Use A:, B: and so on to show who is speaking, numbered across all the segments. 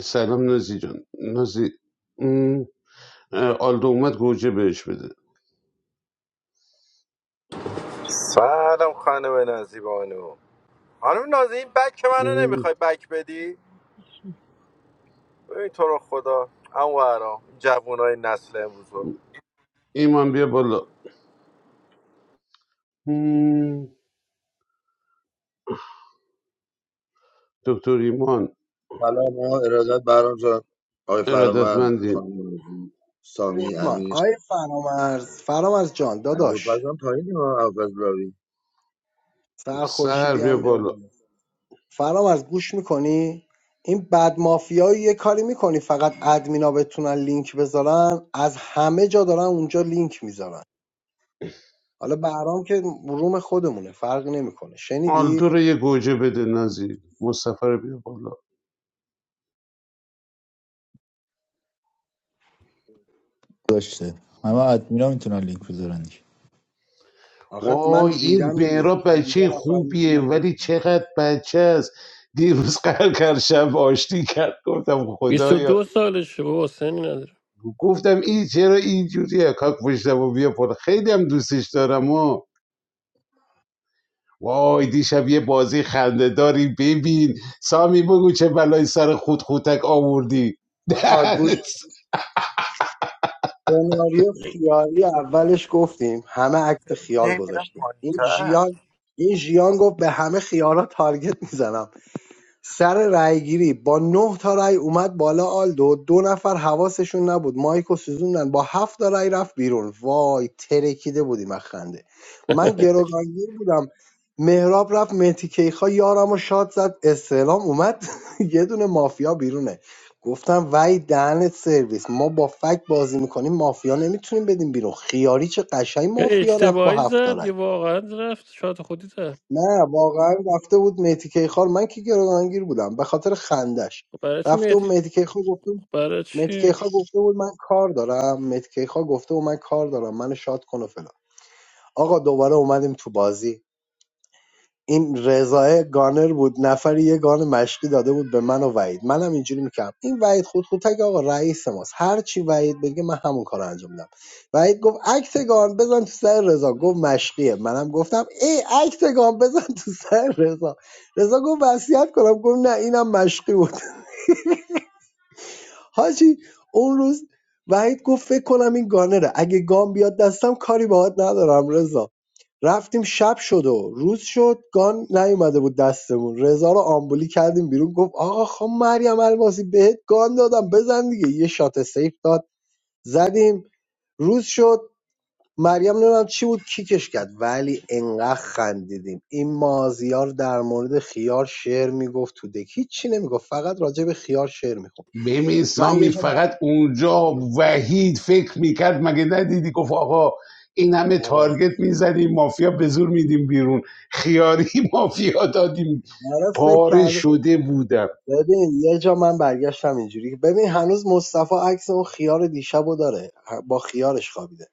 A: سلام نازی جان نازی ام، اه، آلدو اومد گوجه بهش بده
B: سلام خانم نازیبانو خانم نازی این بک منو
A: ام،
B: نمیخوای بک بدی ببین تو رو خدا اما ورام جوانای نسل امروز رو
A: ایمان بیا بالا ام، دکتر ایمان
C: سلام و ارادت برام جان آقای فرامرز
A: ارادتمندیم
C: خانم نازی
D: بریم
C: سامی
D: ایمان
C: امیر
D: آی فرامرز فرامرز جان داداش
C: ابوالفضل هم پایین ها ابوالفضل راوی
D: سر
A: سهر
D: خورشیدی
A: بیا
D: هم بیا
A: بالا
D: بالا فرامرز گوش میکنی این بد مافیایی یه کاری میکنی فقط ادمینا بتونن لینک بذارن از همه جا دارن اونجا لینک میذارن حالا برام که روم خودمونه فرق نمیکنه
A: آلدو
D: شنیدی
A: رو یه گوجه بده نازی مصطفی رو بیا بالا
E: داشته همه ادمینا میتونن لینک بذارن دیگه.
D: آخه من
A: وای این
D: دیدم دیگه
A: مهراب
D: 50
A: بچه
D: نفر
A: خوبیه
D: میتونن
A: ولی چقدر بچه است دیروز قهر کرد شب آشتی کرد گفتم خدایا
F: 22 سالشه بابا سنی نداره
A: گفتم این چرا اینجوریه کاک پشتم و بیا پر خیلی هم دوستش دارم و وای دیشب یه بازی خنده داری ببین سامی بگو چه بلای سر خود خودک آوردی
D: آقا گوش سناریو خیالی اولش گفتیم همه عکت
B: چرا من
D: خیال
B: هی میرم
D: گذاشتیم این
B: پایین‌تر؟
D: ژیان این ژیان گفت به همه خیالا تارگت میزنم سر رأیگیری با نه تا رأی اومد بالا آلدو دو نفر حواسشون نبود مایکو سوزوندن با هفت تا رأی رفت بیرون وای ترکیده بودیم از خنده من گروگانگیر بودم مهراب رفت مهتی کیخا یارم و شاد زد استعلام اومد یه دونه مافیا بیرونه گفتم وای دهنت سرویس ما با فک بازی میکنیم مافیا نمیتونیم بدیم بیرون خیاری چه قشنگ
F: یا
D: مافیا رفت با
F: اشتباهی
D: هفت تا
F: زد
D: رأی.
F: یا واقعا رفت شاد خودی زد
D: نه واقعا رفته بود مهدی کیخان من که گردانگیر بودم به خاطر خندش
F: خب برای چی
D: رفته بود
F: مهدی
D: مهدی کیخان گفته بود
F: خب برای
D: مهدی
F: چی
D: کیخان گفته بود من کار دارم مهدی کیخان گفته بود من کار دارم من شاد کن و فلان آقا دوباره اومدیم تو بازی این رضایه گانر بود نفری یه گان مشقی داده بود به من و وحید منم اینجوری میکردم این وحید خودخوتک آقا رئیس ماست هر چی وحید بگه من همون کارو انجام میدم وحید گفت عکس گان بزن تو سر رضا گفت مشقیه منم گفتم ای عکس گان بزن تو سر رضا رضا گفت وصیت کنم گفت نه اینم مشقی بود حاجی اون روز وحید گفت فکر کنم این گانره اگه گان بیاد دستم کاری باهات ندارم رضا رفتیم شب شد و روز شد گان نیومده بود دستمون رضا رو آمبولی کردیم بیرون گفت آقا خب مریم الماسی بهت گان دادم بزن دیگه یه شات سیف داد زدیم روز شد مریم نمیدونم چی بود کیکش کرد ولی انقدر خندیدیم این مازیار در مورد خیار شعر میگفت تو دک هیچی نمیگفت فقط راجع به خیار شعر میخوند
A: ببین
D: من یه
A: سامی
D: جا بر...
A: فقط اونجا وحید فکر میکرد مگه ندیدی گفت آقا این همه
D: آره
A: تارگت میزنیم مافیا به زور میدیم بیرون خیاری مافیا دادیم
D: آره، فکر
A: پاره
D: کرده
A: شده بودم
D: ببین یه جا من برگشتم اینجوری که ببین هنوز مصطفی عکس اون خیار دیشبو داره با خیارش خوابیده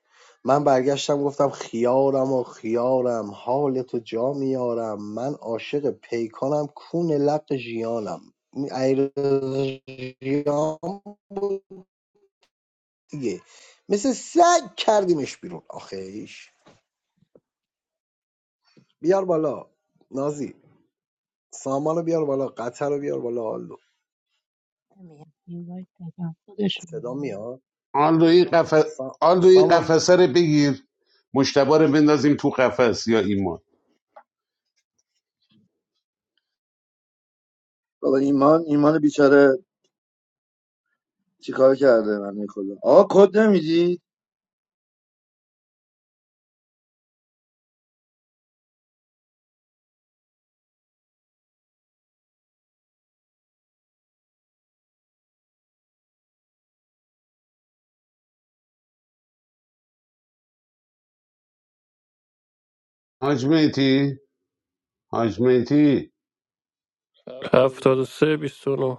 D: من برگشتم گفتم خیارم و خیارم حال تو جا میارم من عاشق پیکانم کون لق ژیانم این عیرض ژیان بود دیگه مثل سگ کردیمش بیرون آخیش بیار بالا نازی سامانو بیار بالا قطر رو بیار بالا آلو
G: I mean, you like that composition.
D: صدا میاد
A: آلوی رو این قفس
D: سا...
A: آن
D: سامان بیار
A: قفسه رو بگیر مشتبه رو بندازیم تو قفس یا ایمان
C: بابا ایمان ایمان بیچاره چیکار کرده من خدا آقا کد نمیدی
A: حاج مهدی حاج مهدی
F: 73 29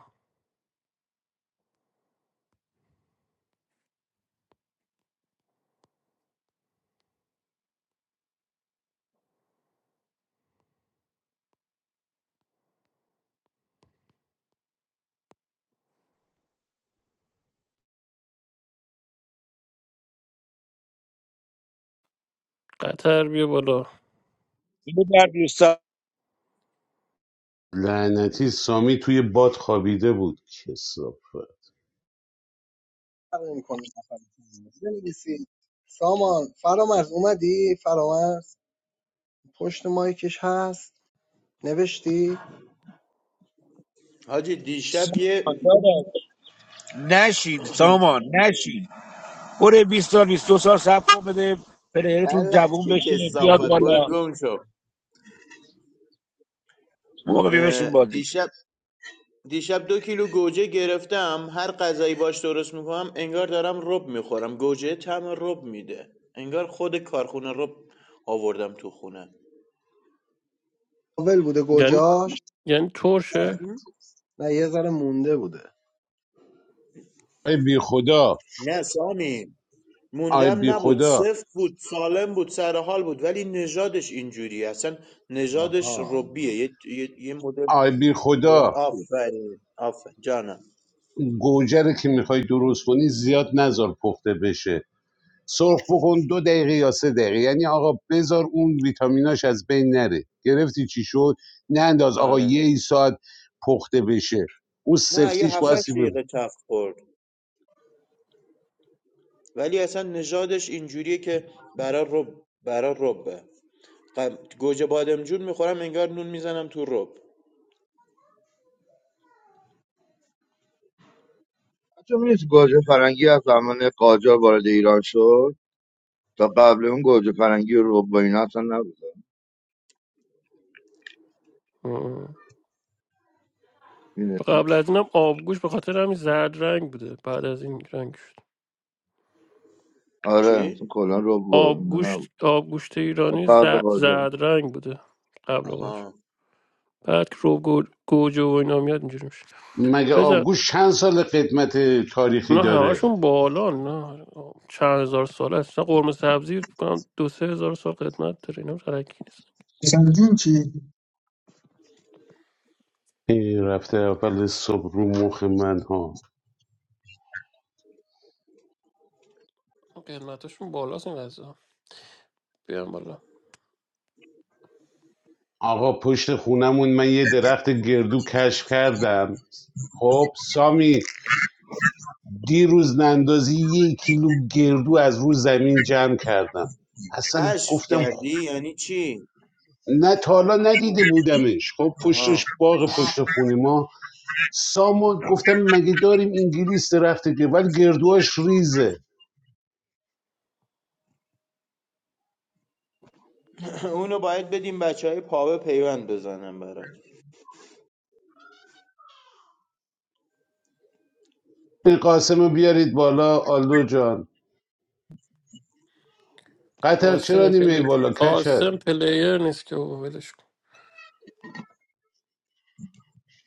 F: قطر بیا بالا
H: You see,
A: لعنتی سامی توی باد خوابیده بود کسافه
D: فرقی نمی‌کنه. بنویسید سامان فرامرز اومدی فرامرز پشت مایکش هست نوشتی
I: حاجی دیشب یه
H: man. Nashin, someone. Nashin. For a 20, 2000, something. But then, for the return job,
I: بلد
H: you
I: که
H: must be a
I: کسافت برو
H: lot
I: گم شو
H: more
I: اه،
H: expensive.
I: دیشب دیشب دو کیلو گوجه گرفتم هر غذایی باش درست میکنم انگار دارم رب میخورم گوجه طعم رب میده انگار خود کارخونه رب آوردم تو خونه
D: اول بوده
F: یعنی
D: گجاش
F: یعنی ترشه
D: نه یه ذره مونده بوده
A: ای بی خدا
I: نه سامی
A: ای
I: موندم
A: بی
I: نبود
A: خدا
I: سفت بود سالم بود سر حال بود ولی نژادش اینجوری اصلا نژادش
D: آها
I: ربیه یه, یه،, یه مدل
A: ای بی خدا
I: آفرین آفرین جانم
A: گوجه که میخوای درست کنی زیاد نزار پخته بشه سرخ بکن دو دقیقه یا سه دقیقه یعنی آقا بذار اون ویتامیناش از بین نره گرفتی چی شد نه ننداز آقا
I: آره
A: یه ساعت پخته بشه اون
I: نه یه
A: سفتیش
I: 7
A: بایستی بمونه.
I: دقیقه تفت خورد ولی اصلا نژادش اینجوریه که برا رب برا ربه قم... گوجه بادمجون میخورم انگار نون میزنم تو رب
C: حتی میدونی تو گوجه فرنگی از زمان قاجار وارد ایران شد تا قبل اون گوجه فرنگی و رب و اینا اصلا نبود
F: آه.
C: می‌دونی؟
F: قبل از اینم آبگوش به خاطر همین زرد رنگ بوده بعد از این رنگ شد
C: آره اصلا
I: چی؟
C: کلا رب و اینا
F: آبگوشت
C: نبود
F: آبگوشت
C: تا
F: ایرانی
C: قبل
F: زرد,
C: قاجار
F: زرد رنگ بوده قبل قاچ
I: آها
F: بعد که رو گو- گوجه و اینا میاد اینجوری میشه
A: مگه
F: بزن
A: آبگوش چند سال قدمت تاریخی
F: نه
A: داره
F: همشون بالا نه چند هزار سال نه قرمه سبزی فکر کنم دو سه هزار سال قدمت داره اینا ترکی نیست
J: حسین جون چی؟
A: این رفته اول صبح رو مخ من ها
F: قدمتشون بالاست این غذا بیان بالا
A: آقا پشت خونمون من یه درخت گردو کشف کردم خب سامی دیروز نندازی یه کیلو گردو از رو زمین جمع کردم اصلا
I: کشف
A: گفتم خ...
I: کردی یعنی چی؟
A: نه تا حالا ندیده بودمش خب پشتش
I: آها
A: باغ پشت خونه ما سامو گفتم مگه داریم انگلیس درخت گردو ولی گردوهاش ریزه
I: اونو باید بدیم بچه های پاوه پیوند بزنم برات
A: این قاسم بیارید بالا آلو جان قطر چرا
F: قاسم پل...
A: نیمه بالا کچل
F: قاسم پلیر نیست که بابا ولش کن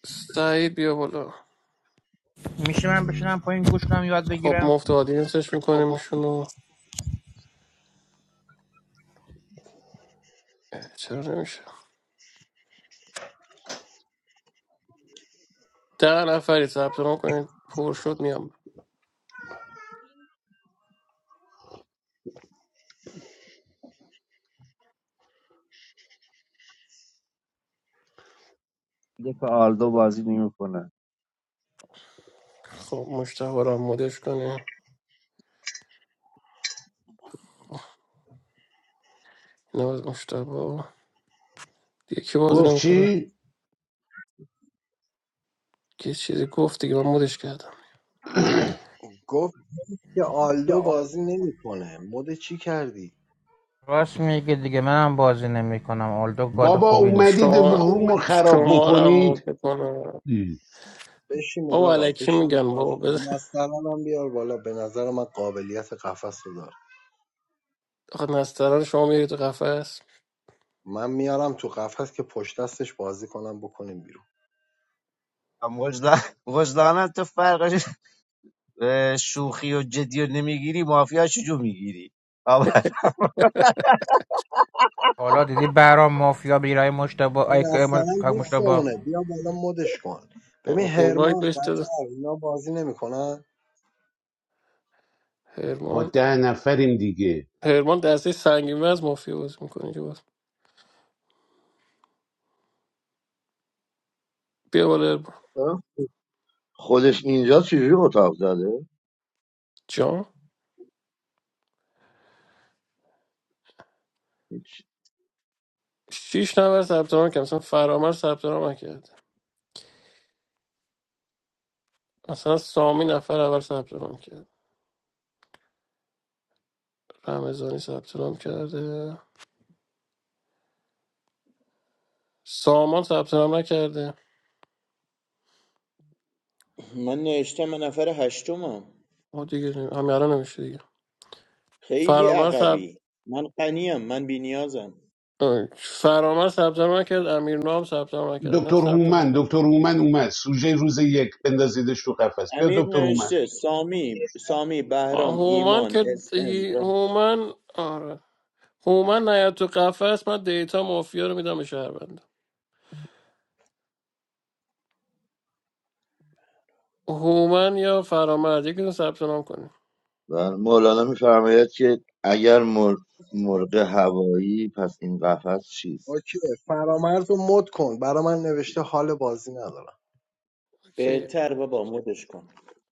F: سعید بیا بالا
K: میشه من بشینم پایین گوش کنم یاد
F: خب
K: بگیرم
F: مفت آدینسش میکنیم میشون و اه، چرا نمیشه ده نفری ثبت نام کنید پر شد میام
L: دک آلدو بازی نمیکنه
F: خب مشتبه رو هم مدش کنه نه مشتبه یکی باز
A: گفت
F: نمیکنه
A: چی
F: یه چیزی گفت دیگه من مدش کردم
D: گفت که آلدو بازی نمیکنه مود چی کردی
K: راست میگه دیگه منم بازی نمیکنم آلدو گاد
A: بابا
K: خوبی
F: خب
K: نیست
A: اومدید
F: شما
A: رومو خراب
F: شما رو
D: بشین
F: هم
A: بکنید
F: مرده کنم
A: ای.
D: بشین
F: بابا
D: آقا
F: علکی
D: بشین
F: میگن بابا
D: بازی کن
F: بزن
D: نسترن هم بیار بالا به نظر من قابلیت قفس رو داره
F: آخه نستران شما میری تو قفس
D: من میارم تو قفس که پشت دستش بازی کنم بکنیم بیرون
L: وجدان وجدانا تو فرقش اه، شوخی و جدی و نمیگیری مافیا چجو میگیری آقا
K: حالا دیدی برام مافیا بگیرای مشتبه ای ای
D: اصلا
K: مش- کاک مشتبا
D: دوستمونه بیا بالا مدش کن ببین
F: این باید
D: هرمان
F: بهش
D: قطر
F: داده
D: اینا بازی نمیکنن
A: با
F: هرمان
A: ده نفریم دیگه
F: هرمان دسته سنگین از مافیا بازی میکنه که باز بیا بالا هرمان
C: آه؟ خودش اینجا چجوری اتاق زده
F: جان شیش نفر ثبت نام کرد مثلا فرامر ثبت نام نکرد مثلا سامی نفر اول ثبت نام کرد رمضانی ثبت نام کرده سامان ثبت نام نکرده
I: من نوشتم من نفر هشتمم
F: ما دیگه نمی- همین الان نمیشه دیگه
I: خیلی
F: فرامر
I: عقبی من قنیم من بینیازم
F: آه، فرامر ثبت نام کرد امیر نام ثبت نام کرد اینا
A: دکتر
F: ثبت نام
A: هومن
F: کن
A: دکتر هومن اومد سوژه روز یک بندازیدش تو قفس بیا
I: امیر
A: دکتر هومن
I: نوشته سامی سامی
F: آه،
I: بهرام
F: هومن
I: ایمان
F: که
I: اس ام
F: دی- هومن آره هومن نیاد تو قفس من دیتا مافیا رو میدم به شهروند هومن یا فرامرز یکیتون ثبت نام کنیم
C: و مولانا میفرماید که اگر مرغ, مرغ هوایی پس این قفس چیست
D: اوکی فرامرز رو مد کن برا من نوشته حال بازی ندارم
F: اوکی
I: بهتر بابا مدش کن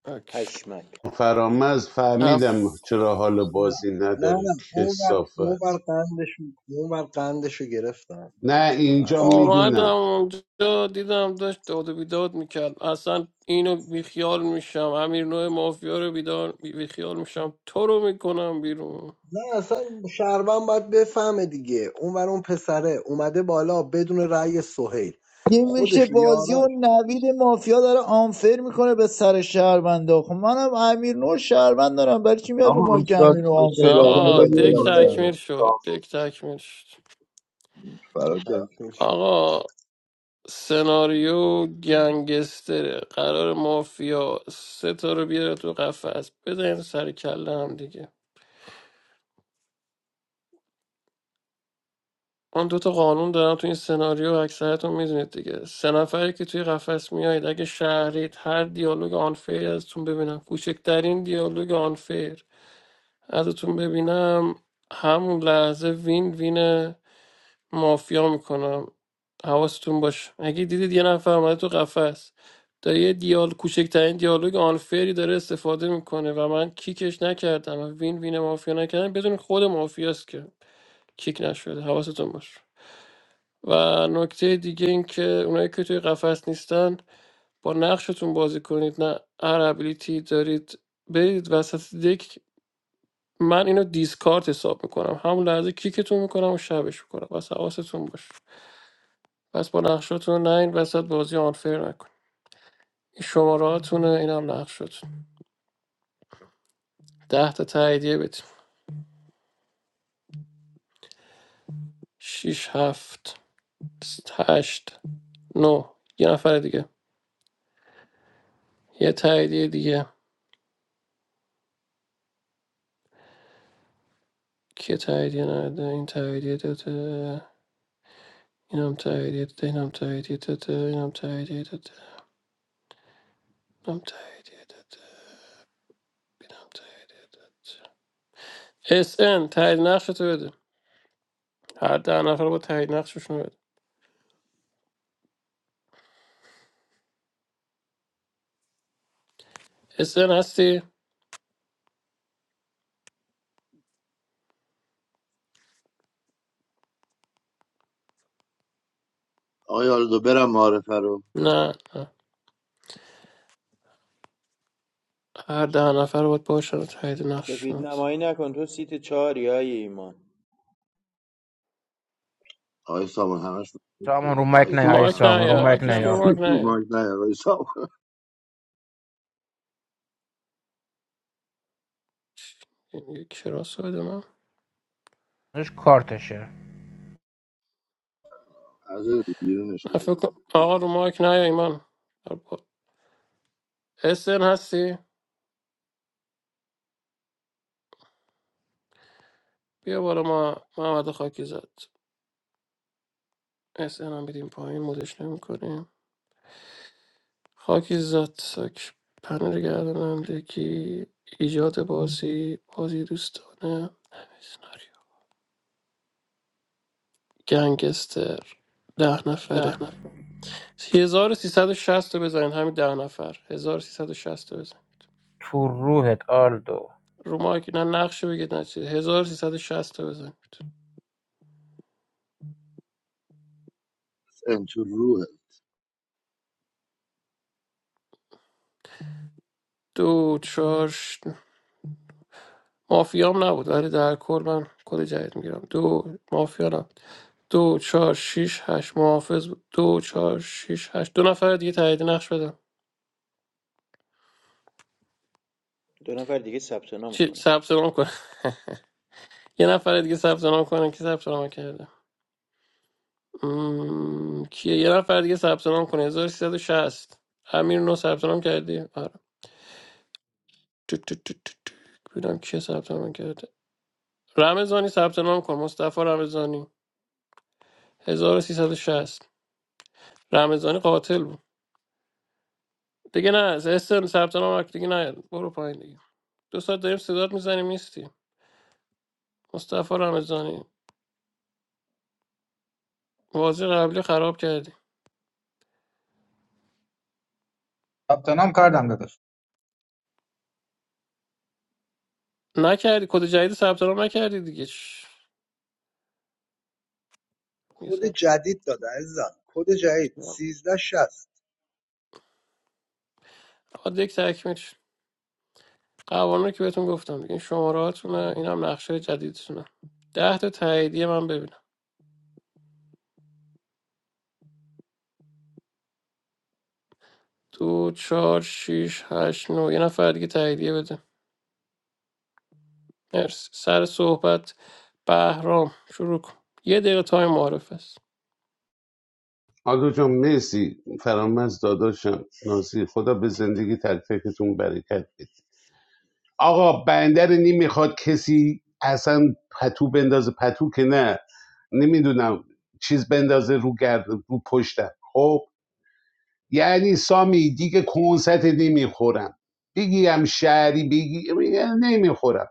F: اوکی
I: پشمک
A: فرامز
F: اف
A: فهمیدم چرا حال
D: نه
A: بازی
D: نه
A: نداره
D: نه اون بر
A: کسافت
D: اون بر قندش اون بر قندش رو گرفتن به
A: نه
D: خاطر اون
A: اینجا
D: اعصابش
F: آمدم
A: میدونم
F: اونجا دیدم داشت داد و بیداد میکرد اصلا اینو بیخیال میشم امیر نوع مافیا رو بیدار بیخیال میشم تو رو میکنم بیرون
D: نه اصلا شهروند باید بفهمه دیگه اون بر اون پسره اومده بالا بدون رأی سهیل
E: یه میشه
D: خودش و
E: بازی و
D: یاراش
E: نوید مافیا داره آنفر میکنه به سر شهروندا خب منم امیر نور شهروند دارم برای چی میاد رو
C: آقا
E: مایک
C: استاد
E: امیر رو
C: استاد
E: آنفر میکنه
C: رامبو
F: آقا
C: رو
E: بازی رو
C: بیار
F: دک
E: برای
C: بالا.
F: تکمیل
E: شهروند
F: شد
C: رامبو
F: دک تکمیل شد
D: رو
C: فرار
D: تکمیل شد
F: آقا سناریو گنگستره قرار مافیا سه تا رو بیاره تو قفس بزنید سر کله هم دیگه من دوتا قانون دارم تو این سناریو اکثرتون میدونید دیگه سه نفری که توی قفس میایید اگه شهرید هر دیالوگ آنفیر ازتون ببینم کوچکترین دیالوگ آنفیر ازتون ببینم همون لحظه وین وینه مافیا میکنم حواستون باشه اگه دیدید یه نفر اومده تو قفس داره یه دیال کوچکترین دیالوگ آنفری داره استفاده میکنه و من کیکش نکردم و وین وین مافیا نکردم بدون خود مافیاست که کیک نشده حواستون باشه و نکته دیگه این که اونایی که توی قفس نیستن با نقشتون بازی کنید نه هر ابیلیتی دارید برید وسط دک من اینو دیسکارت حساب میکنم همون لحظه کیکتون میکنم و شبش میکنم بس حواستون باشه پس با نقشاتون نین وسط بازی آنفر نکن این شماره هاتونه اینم نقشاتون ده تا تاییدیه بدیم شیش هفت هشت نه یه نفر دیگه یه تاییدیه دیگه که تاییدیه نده این تاییدیه داده اینم تاییدیه داده اینم تاییدیه داده اینم تاییدیه داده اینم تاییدیه داده اینم تاییدیه داده اس ان تایید نقشتو بده هر ده نفر با تایید نقششون بده اس ان هستی
C: آقای آلدو برم معارفه رو
F: نه نه هر ده نفر باید باشن و تایید نقش
I: سفید
F: شناس
I: نمایی نکن تو سیت چهاری های ایمان
C: آقای سامان همش
K: سامان رو مایک نیا. ای
F: مایک
K: سامان رو
F: نیا
K: مایک
F: هیچ
K: نه
F: که
K: یا
F: رو مایک نیا
C: مایک نه آقای سامان.
F: این یک شراس بدونم
K: کارتشه
C: از بیرونش
F: نه
C: گرفت
F: فکر کن- آقا رو مایک نیا ایمان اسن هستی بیا بالا ما محمد خاکی زد اسن هم بیدیم پایین مدش نمی کنیم خاکی زد ساک پنل گردانندگی ایجاد بازی بازی دوستانه همه سناریو. گنگستر ده نفره 1360 رو بزنید همین ده نفر 1360
K: تو روحت آلدو
F: رو مایک نه نقشه بگید نه چیز 1360 تا بزنید
C: این تو روحه
F: دو چهار ش- مافیام نبود ولی در کل من کد جدید میگیرم دو مافیا نبود دو چهار شیش هشت محافظ بود دو چهار شیش هشت دو نفر دیگه تایید نقش بدم
I: دو نفر دیگه ثبت نام
F: چی
I: کنن
F: ثبت نام کن یه نفر دیگه ثبت نام کنه که ثبت نام کرده مم... کیه یه نفر دیگه ثبت نام کنه 1360 امیر نو ثبت نام کردی آره تو تو تو تو تو. ببینم کی ثبت نام کرده رمضانی ثبت نام کن مصطفی رمضانی 1360 رمضانی قاتل بود دیگه نه از استرن ثبت نام کرد. دیگه نه برو پایین دیگه دو ساعت داریم صدات میزنیم نیستی مصطفی رمضانی واژه قبلی خراب کردی
J: ثبت نام کردم داداش
F: نکردی کد جدید ثبت نام نکردی دیگه چش. یه
D: کد
F: ثبت
D: جدید داده عزیزم کد جدید
F: نام.
D: 1360
F: آقا دیگه تکمیل شد. قوانین رو که بهتون گفتم دیگه این شماره هاتونه این هم نقشه جدیدتونه ده تا تاییدیه من ببینم دو چهار شیش هشت نو یه نفر دیگه تاییدیه بده مرسی سر صحبت بهرام شروع کن یه دقیقه تایم معرف است
A: آدو جان مرسی فرامز داداشم نازی خدا به زندگی تلفیقتون برکت بده آقا بنده رو نمیخواد کسی اصلا پتو بندازه پتو که نه نمیدونم چیز بندازه رو گرد رو پشتم خب یعنی سامی دیگه کنسرت نمیخورم بگی شعری شهری بگی یعنی نمیخورم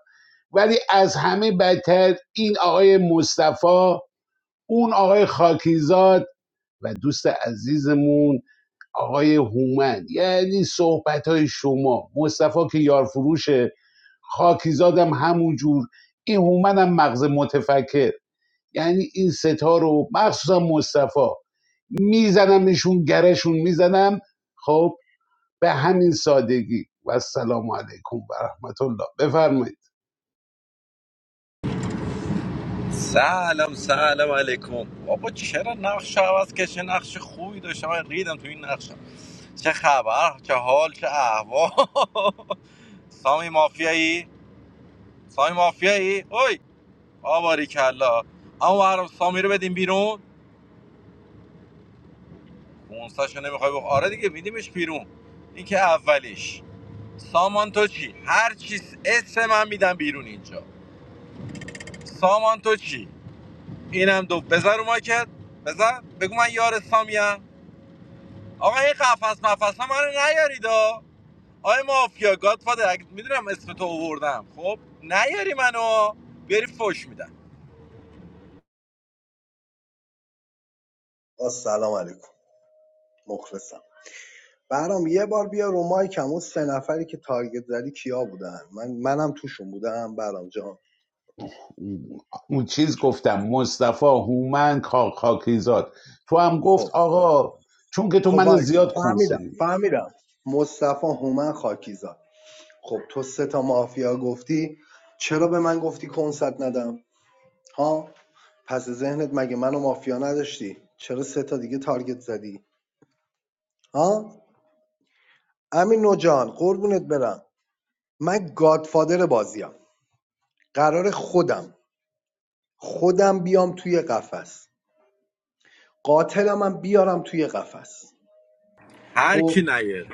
A: ولی از همه بدتر این آقای مصطفی اون آقای خاکیزاد و دوست عزیزمون آقای هومن یعنی صحبت شما مصطفی که یارفروشه خاکیزادم همون جور این هومنم مغز متفکر یعنی این ستا رو مخصوصا مصطفی میزنمشون گرشون میزنم خب به همین سادگی و السلام علیکم و رحمت الله بفرمایید
B: سلام سلام علیکم بابا چرا نقش عوض که چه نقش خوبی داشتم من ریدم تو این نقشم چه خبر چه حال چه احوال سامی مافیایی سامی مافیایی اوی آباری کلا اما ورام سامی رو بدیم بیرون کنساشو نمیخوای بخ... آره دیگه میدیمش بیرون این که اولیش سامان تو چی هر چیز اسم من میدم بیرون اینجا سامان تو چی اینم دو بذار رو ماکت بذار بگو من یار سامیم آقا این قفس مفس ها منو نیارید آی مافیا گادفادر میدونم اسم تو آوردم خب نیاری منو بیاری فوش میدم
D: با سلام علیکم مخلصم برام یه بار بیا رو مایکم اون سه نفری که تارگت زدی کیا بودن من منم توشون بودم برام جان
A: اون چیز گفتم مصطفی هومن خاکیزاد تو هم گفت
D: خب
A: آقا چون که تو
D: خب
A: من
D: وایسا
A: زیاد
D: فهمیدم
A: کنسلی میدی.
D: فهمیدم مصطفی هومن خاکیزاد خب تو سه تا مافیا گفتی چرا به من گفتی کنسرت ندم ها پس ذهنت مگه منو مافیا نداشتی چرا سه تا دیگه تارگت زدی ها امین نوجان قربونت برم من گادفادر بازیم قرار خودم خودم بیام توی قفس قاتلمم بیارم توی قفس
B: هر کی
D: خب
B: نیاری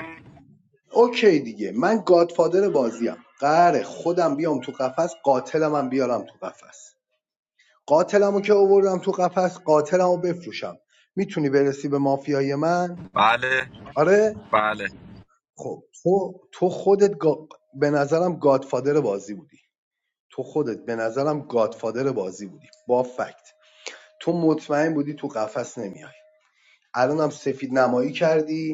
D: اوکی دیگه من گادفادر بازیم قره خودم بیام تو قفس قاتلمم بیارم تو قفس قاتلمو که آوردم تو قفس قاتلمو بفروشم میتونی برسی به مافیای من
B: بله
D: آره
B: بله
D: خب تو تو خودت گا- به نظرم گادفادر بازی بودی تو خودت به نظرم گادفادر بازی بودی با فکت تو مطمئن بودی تو قفس نمیای الانم سفید نمایی کردی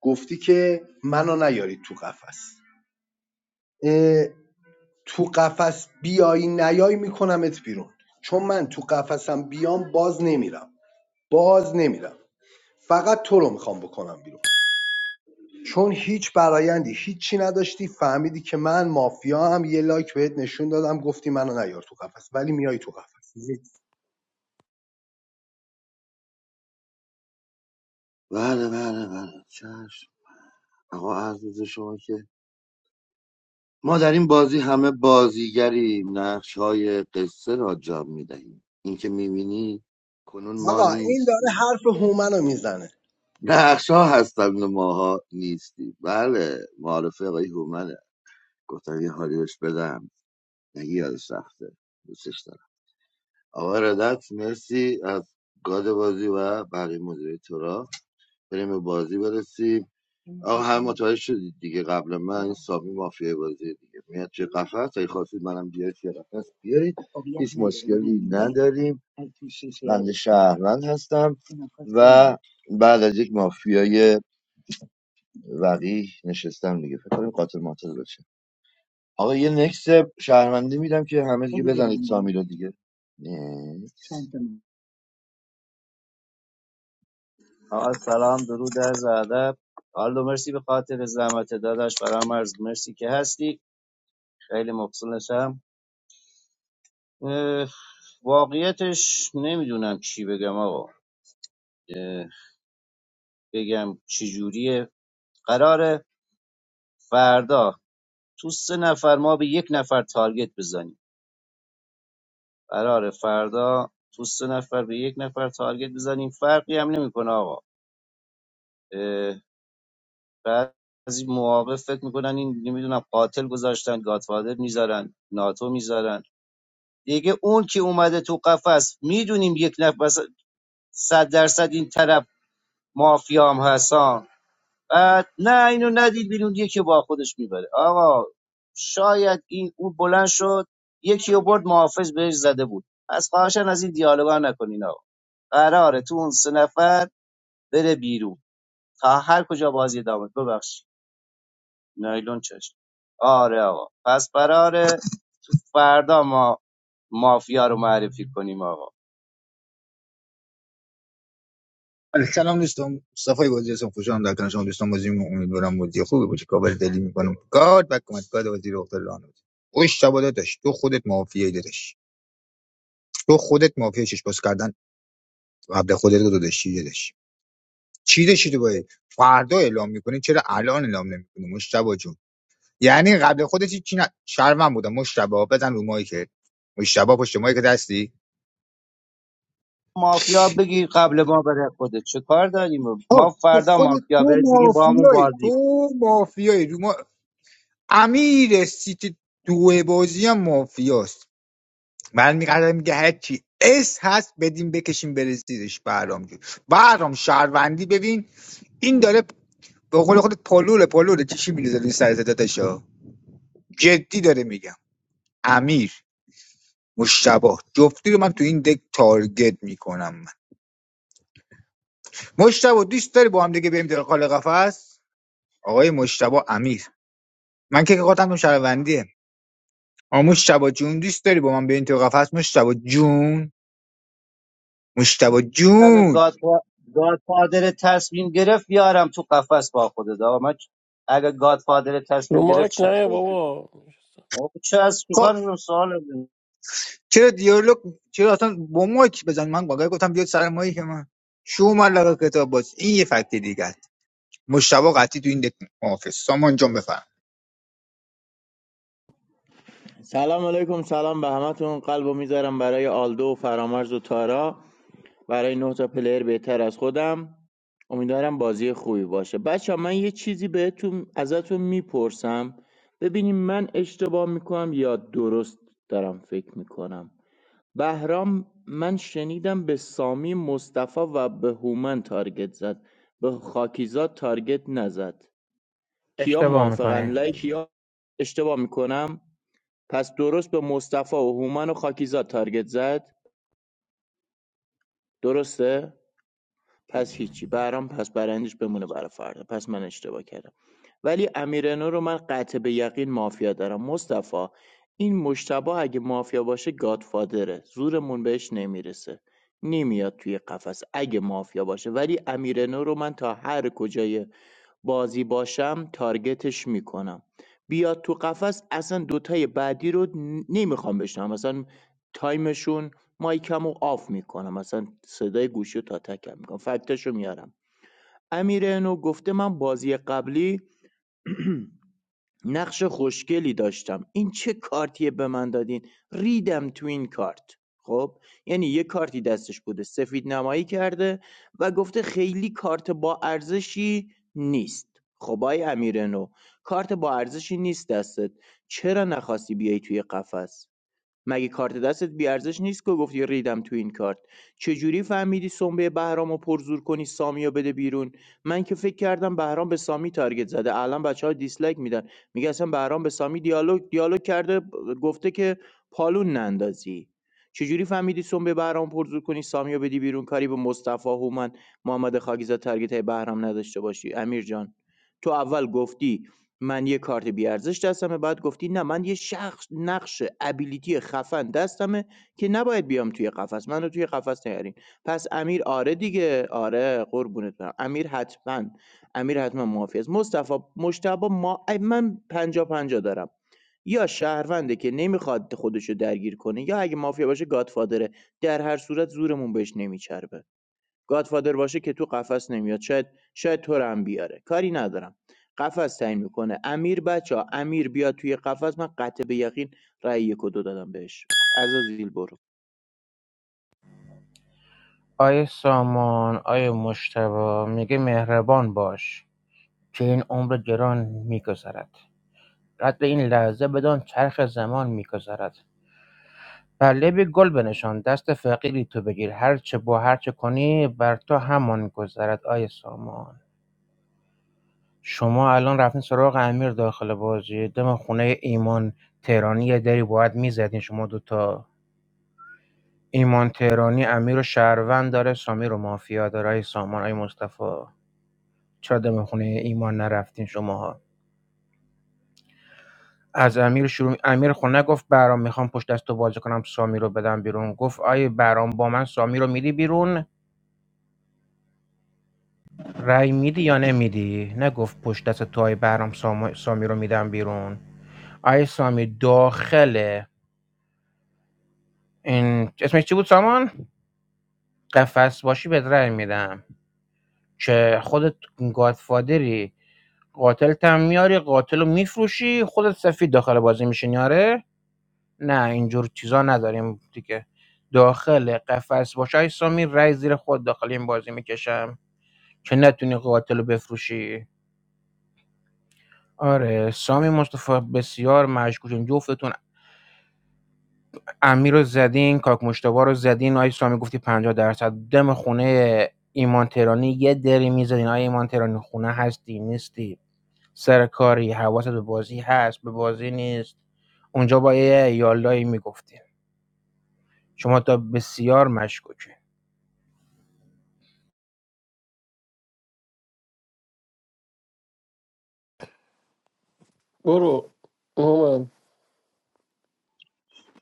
D: گفتی که منو نیارید تو قفس تو قفس بیای نیای میکنمت بیرون چون من تو قفسم بیام باز نمیرم باز نمیرم فقط تو رو میخوام بکنم بیرون چون هیچ برایندی هیچی نداشتی فهمیدی که من مافیا هم یه لایک بهت نشون دادم گفتی منو نیار تو قفس ولی میای تو قفس
C: بله بله بله چشم آقا عرض به شما که ما در این بازی همه بازیگریم نقش های قصه را جام میدهیم این که میبینی کنون ما
D: آقا این داره
C: نیستیم
D: حرف هومنو میزنه
C: نقش ها هستند و ماها نیستیم بله معارفه آقای هومنه گفتم یه حالی بهش بدم نگی یاد سخته دوستش دارم آقا ردت مرسی از گاد بازی و بقیه مدیره بریم به بازی برسیم آقا هم متوجه شدید دیگه قبل من این سامی مافیای بازی دیگه میاد چه قفس اگه خواستید منم بیارید چه قفس بیارید هیچ مشکلی نداریم بنده شهروند هستم و بعد از یک مافیای وقیح نشستم دیگه فکر کنم قاتل ماتل باشه آقا یه نکس شهروندی میدم که همه دیگه بزنید سامی رو دیگه نه.
L: سلام درود از ادب آلدو مرسی به خاطر زحمت داداش برام عرض مرسی که هستی خیلی مبسوطم اه، واقعیتش نمیدونم چی بگم آقا اه، بگم چی جوریه قراره فردا تو سه نفر ما به یک نفر تارگت بزنیم قراره فردا تو سه نفر به یک نفر تارگت بزنیم فرقی هم نمیکنه آقا اه، بعضی مواقع فکر میکنن این نمیدونم قاتل گذاشتن گاتفادر میذارن ناتو میذارن دیگه اون که اومده تو قفس میدونیم یک نفر صد درصد این طرف مافیا هم هستن بعد نه اینو ندید بیرون یکی با خودش میبره آقا شاید این او بلند شد یکی رو برد محافظ بهش زده بود از خواهشن از این دیالوگا نکنین آقا قراره تو اون سه نفر بره بیرون تا هر کجا بازی ادامه بده. ببخشید نایلون چشم آره آقا پس قراره فردا ما مافیا رو معرفی کنیم آقا
J: بله، سلام دوستان مصطفی بازی هستم خوشحالم در کنار شما دوستان بازی می‌کنم. امیدوارم بازی خوبی باشه کاور دلی میکنم گاد و کمک گاد بازی رو اختر راه نمی‌دم. خوش شبا داداش تو خودت مافیایی داداش تو خودت مافیای شش باز کردن قبل خودت رو داداش چی داداش چی داشتی تو باید فردا اعلام میکنی چرا الان اعلام نمیکنی مشتبا جون یعنی قبل خودت چی نه شرمم بودم مشتبا بزن رو مایکت مشتبا پشت مایکت هستی
L: مافیا بگی قبل ما بره خودت چه کار داریم ما
J: تو
L: فردا
J: خودت
L: مافیا
J: تو
L: بهت بگیم با همون
J: مافیایی
L: بازی
J: تو مافیایی امیر سیت دو بازی هم مافیاست برمیگرده میگه هرچی اس هست بدیم بکشیم بره زیرش برام جون برام شهروندی ببین این داره به قول خودت پلوله پلوله چی میریزه روی سر داداشا جدی داره میگم امیر مشتبه جفتی رو من تو این دک تارگت میکنم من مشتبه دوست داری با هم دیگه بریم داخل قفس آقای مشتبه امیر من که قاتم شهروندیه آ مشتبه جون دوست داری با من بریم تو قفس مشتبه جون مجتبی
L: اگه
J: جون
L: گاد گادفادر تصمیم گرفت بیارم تو قفس با خودت آقا من چ- اگه گادفادر
F: رو
L: تصمیم گرفت
F: مایک نه
L: شکایت میکنم
F: بابا
L: آقا چه از
J: خب
L: چیکار اینو سوال بزنی؟
J: چرا دیالوگ چرا اصلا با مایک بزن من واقعا گفتم بیاد سر مایک من شو ملقه کتاب باز این یه فکت دیگه است مجتبی قطعی تو این دک محافظ سامان جان بفرم
I: سلام علیکم سلام به همتون قلبو میذارم برای آلدو و فرامرز و تارا برای نه تا پلیر بهتر از خودم امیدوارم بازی خوبی باشه بچه من یه چیزی بهتون ازتون میپرسم ببینیم من اشتباه میکنم یا درست دارم فکر میکنم بهرام من شنیدم به سامی مصطفی و به هومن تارگت زد به خاکیزاد تارگت نزد کیا
K: اشتباه
I: موافقن
K: میکنی
I: لایک
K: کیا
I: اشتباه میکنم پس درست به مصطفی و هومن و خاکیزاد تارگت زد درسته پس هیچی برام پس برندش بمونه برای فردا پس من اشتباه کردم ولی امیرنو رو من قطع به یقین مافیا دارم مصطفی این مشتبه اگه مافیا باشه گادفادره زورمون بهش نمیرسه نمیاد توی قفس اگه مافیا باشه ولی امیرنو رو من تا هر کجای بازی باشم تارگتش میکنم بیاد تو قفس اصلا دوتای بعدی رو نمیخوام بشنم مثلا تایمشون مایکم رو آف میکنم مثلا صدای گوشی رو تا تکم میکنم فکتش رو میارم امیر نو گفته من بازی قبلی نقش خوشگلی داشتم این چه کارتیه به من دادین ریدم تو این کارت خب یعنی یه کارتی دستش بوده سفید نمایی کرده و گفته خیلی کارت با ارزشی نیست خب آی امیر کارت با ارزشی نیست دستت چرا نخواستی بیای توی قفس مگه کارت دستت بیارزش نیست که گفتی ریدم تو این کارت چجوری فهمیدی سنبه بهرام رو پرزور کنی سامی رو بده بیرون من که فکر کردم بهرام به سامی تارگت زده الان بچه ها دیسلایک میدن میگه اصلا بهرام به سامی دیالوگ دیالوگ کرده گفته که پالون نندازی چجوری فهمیدی سنبه بهرام پرزور کنی سامی رو بدی بیرون کاری به مصطفی هومن محمد خاکیزاد تارگت های بهرام نداشته باشی امیر جان تو اول گفتی من یه کارت بی‌ارزش دستمه بعد گفتی نه من یه شخص نقش ابیلیتی خفن دستمه که نباید بیام توی قفس منو توی قفس نیارین پس امیر آره دیگه آره قربونت برم امیر حتما امیر حتما معافی است مصطفی مشتبه ما ای من پنجا پنجا دارم یا شهرونده که نمیخواد خودشو درگیر کنه یا اگه مافیا باشه گادفادره در هر صورت زورمون بهش نمیچربه گادفادر باشه که تو قفس نمیاد شاید شاید تو رو هم بیاره کاری ندارم قفس تعیین میکنه امیر بچه امیر بیاد توی قفس من قطع به یقین رأی یک و دو دادم بهش عزازیل برو
K: آیه سامان آیه مشتبا میگه مهربان باش که این عمر گران میگذرد رد به این لحظه بدان چرخ زمان میگذرد بله به گل بنشان دست فقیری تو بگیر هر چه با هر چه کنی بر تو همان گذرد آیه سامان شما الان رفتین سراغ امیر داخل بازی دم خونه ایمان تهرانی یه دری باید میزدین شما دوتا ایمان تهرانی امیر و شهروند داره سامی رو مافیا داره آیه سامان آیه مصطفی چرا دم خونه ایمان نرفتین شماها از امیر شروع می- امیر خونه گفت برام میخوام پشت دست تو بازی کنم سامی رو بدم بیرون گفت آیه برام با من سامی رو میدی بیرون رأی میدی یا نمیدی نگفت پشت دست توهای برام سام- سامی رو میدم بیرون آی سامی داخل این اسمش چی بود سامان قفس باشی بهت رأی میدم که خودت گادفادری قاتل تم میاری قاتل رو میفروشی خودت سفید داخل بازی میشین یاره نه اینجور چیزا نداریم دیگه داخل قفس باشه ای سامی رای زیر خود داخل این بازی میکشم که نتونی قاتل رو بفروشی آره، سامی مصطفی بسیار مشکوکیم جفتتون امیر رو زدین کاک مشتبا رو زدین آی سامی گفتی 50 درصد دم خونه ایمان ترانی یه دری میزدین آی ایمان ترانی خونه هستی نیستی سر کاری حواست به بازی هست به بازی نیست اونجا با یه یالایی میگفتی شما تا بسیار مشکوکی
F: برو اومم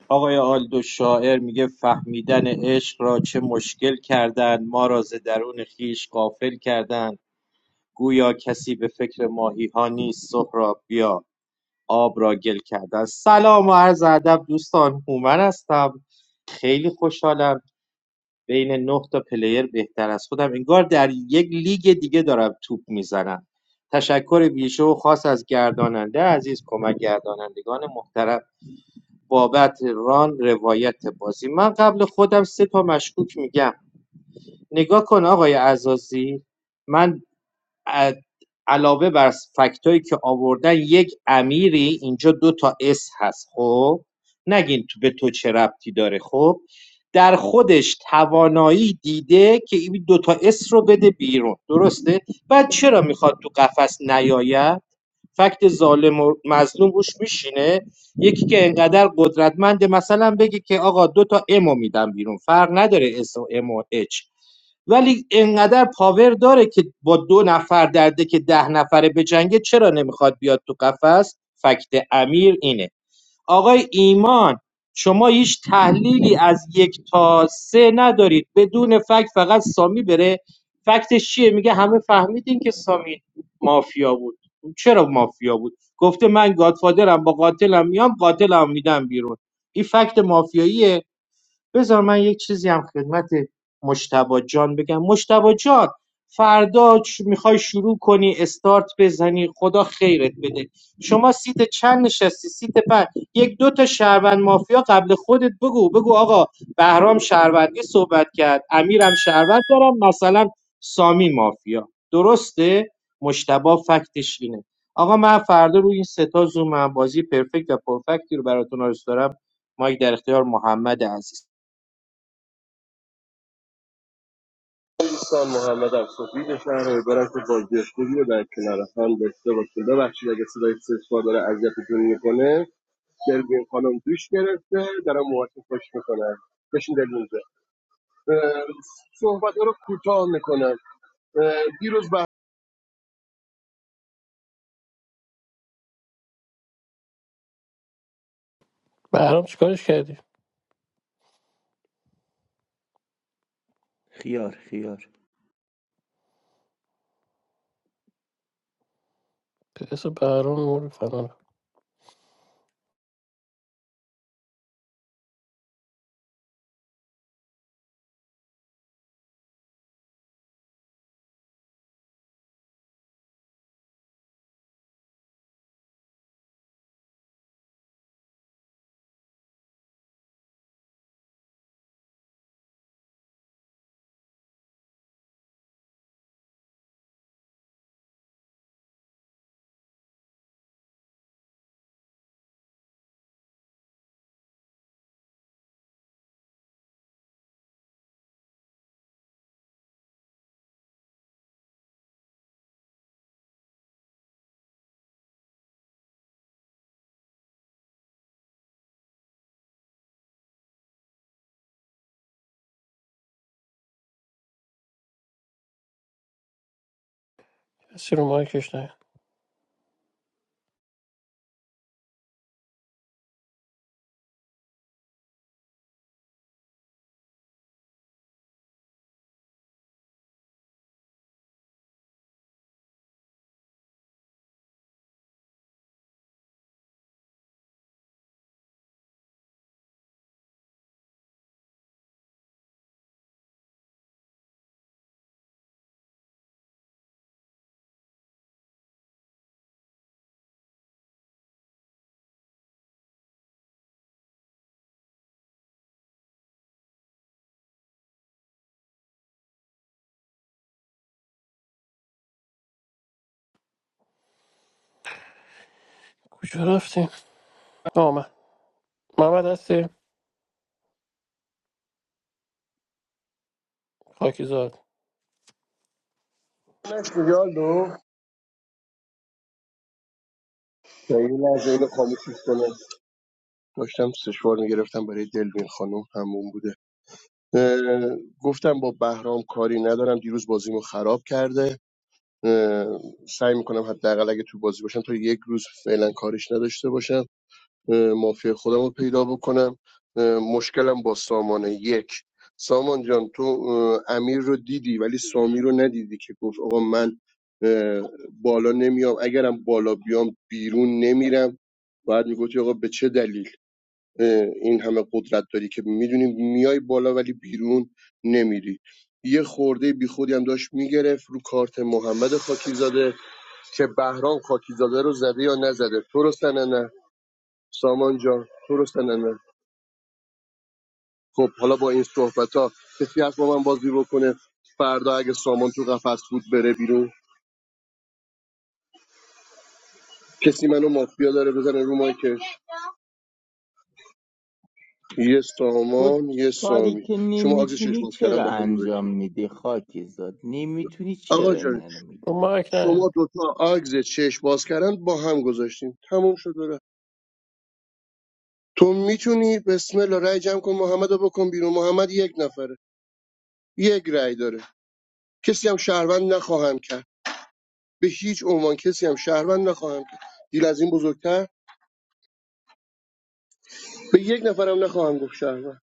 M: آقای آلدو شاعر میگه فهمیدن عشق را چه مشکل کردن ما را ز درون خیش غافل کردن گویا کسی به فکر ماهی ها نیست سهراب بیا آب را گل کردن سلام و عرض ادب دوستان هومن هستم خیلی خوشحالم بین نه تا پلیر بهتر از خودم انگار در یک لیگ دیگه دارم توپ میزنم تشکر ویژه و خاص از گرداننده عزیز کمک گردانندگان محترم بابت ران روایت بازی من قبل خودم سه تا مشکوک میگم نگاه کن آقای عزازی من ا- علاوه بر فکتایی که آوردن یک امیری اینجا دو تا اس هست خب نگین تو به تو چه ربطی داره خب در خودش توانایی دیده که این دو تا اس رو بده بیرون درسته بعد چرا میخواد تو قفس نیاید فکت ظالم و مظلوم روش میشینه یکی که انقدر قدرتمنده مثلا بگی که آقا دو تا امو میدم بیرون فرق نداره اس و ام و اچ ولی انقدر پاور داره که با دو نفر درده که ده نفره بجنگه چرا نمیخواد بیاد تو قفس فکت امیر اینه آقای ایمان شما هیچ تحلیلی از یک تا سه ندارید بدون فکت فقط سامی بره فکتش چیه میگه همه فهمیدین که سامی مافیا بود چرا مافیا بود گفته من گادفادرم با قاتلم میام قاتلم میدم بیرون این فکت مافیاییه بذار من یک چیزی هم خدمت مجتبا جان بگم مجتبا جان فردا میخوای شروع کنی استارت بزنی خدا خیرت بده شما سیت چند نشستی سیت پنج یک دو تا شهروند مافیا قبل خودت بگو بگو آقا بهرام شهروندی صحبت کرد امیرم شهروند دارم مثلا سامی مافیا درسته مجتبا فکتش اینه آقا من فردا روی این ستا زومم بازی پرفکت و پرفکتی رو براتون آرست دارم مایک در اختیار محمد عزیز
N: دوستان محمد صبحی به شهر برم که با جستگی در کنار هم داشته باشیم ببخشید اگه صدای سسپا داره اذیتتون میکنه دلوین خانم دوش گرفته دارم موهاش خوش میکنه بشین دلوین جان. صحبت رو کوتاه میکنم دیروز به
F: بهرام چیکارش کردی؟
I: خیار خیار
F: پس بهرام مورد فنا رفت. کسی رو مایکش نه کجا رفتیم؟ آمد محمد هستی؟ خاکی زاد
N: نشت یالو خیلی از اینو خاموشش کنم داشتم سشوار میگرفتم برای دلوین خانم همون بوده گفتم با بهرام کاری ندارم دیروز بازیمو خراب کرده سعی میکنم حداقل اگه تو بازی باشم تا یک روز فعلا کارش نداشته باشم مافیا خودم رو پیدا بکنم مشکلم با سامانه یک سامان جان تو امیر رو دیدی ولی سامی رو ندیدی که گفت آقا من بالا نمیام اگرم بالا بیام بیرون نمیرم باید میگفتی آقا به چه دلیل این همه قدرت داری که میدونیم میای بالا ولی بیرون نمیری یه خورده بیخودی هم داشت میگرفت رو کارت محمد خاکیزاده که بهرام خاکیزاده رو زده یا نزده تو رو نه سامان جان تو رو نه خب حالا با این صحبت ها کسی هست با من بازی بکنه فردا اگه سامان تو قفس بود بره بیرون کسی منو مافیا داره بزنه رو مایکش یه
I: خود
N: سامان یه
I: کاری
N: سامی
I: که
N: شما عکس چشم
I: نمیتونی
N: باز کردن
I: چرا
N: با هم
I: انجام
N: گذاشتی
I: میدی خاکی نمیتونی
N: آقا
I: چرا
N: جان
I: اینا رو میگی
F: رو مایک نه
N: شما دوتا آگز چشم باز کردن با هم گذاشتین تموم شد و رفت تو میتونی بسم الله رای جمع کن محمد رو بکن بیرون محمد یک نفره یک رای داره کسی هم شهروند نخواهم کرد به هیچ عنوان کسی هم شهروند نخواهم کرد دیل از این بزرگتر به یک نفرم نخواهم گفت شهروند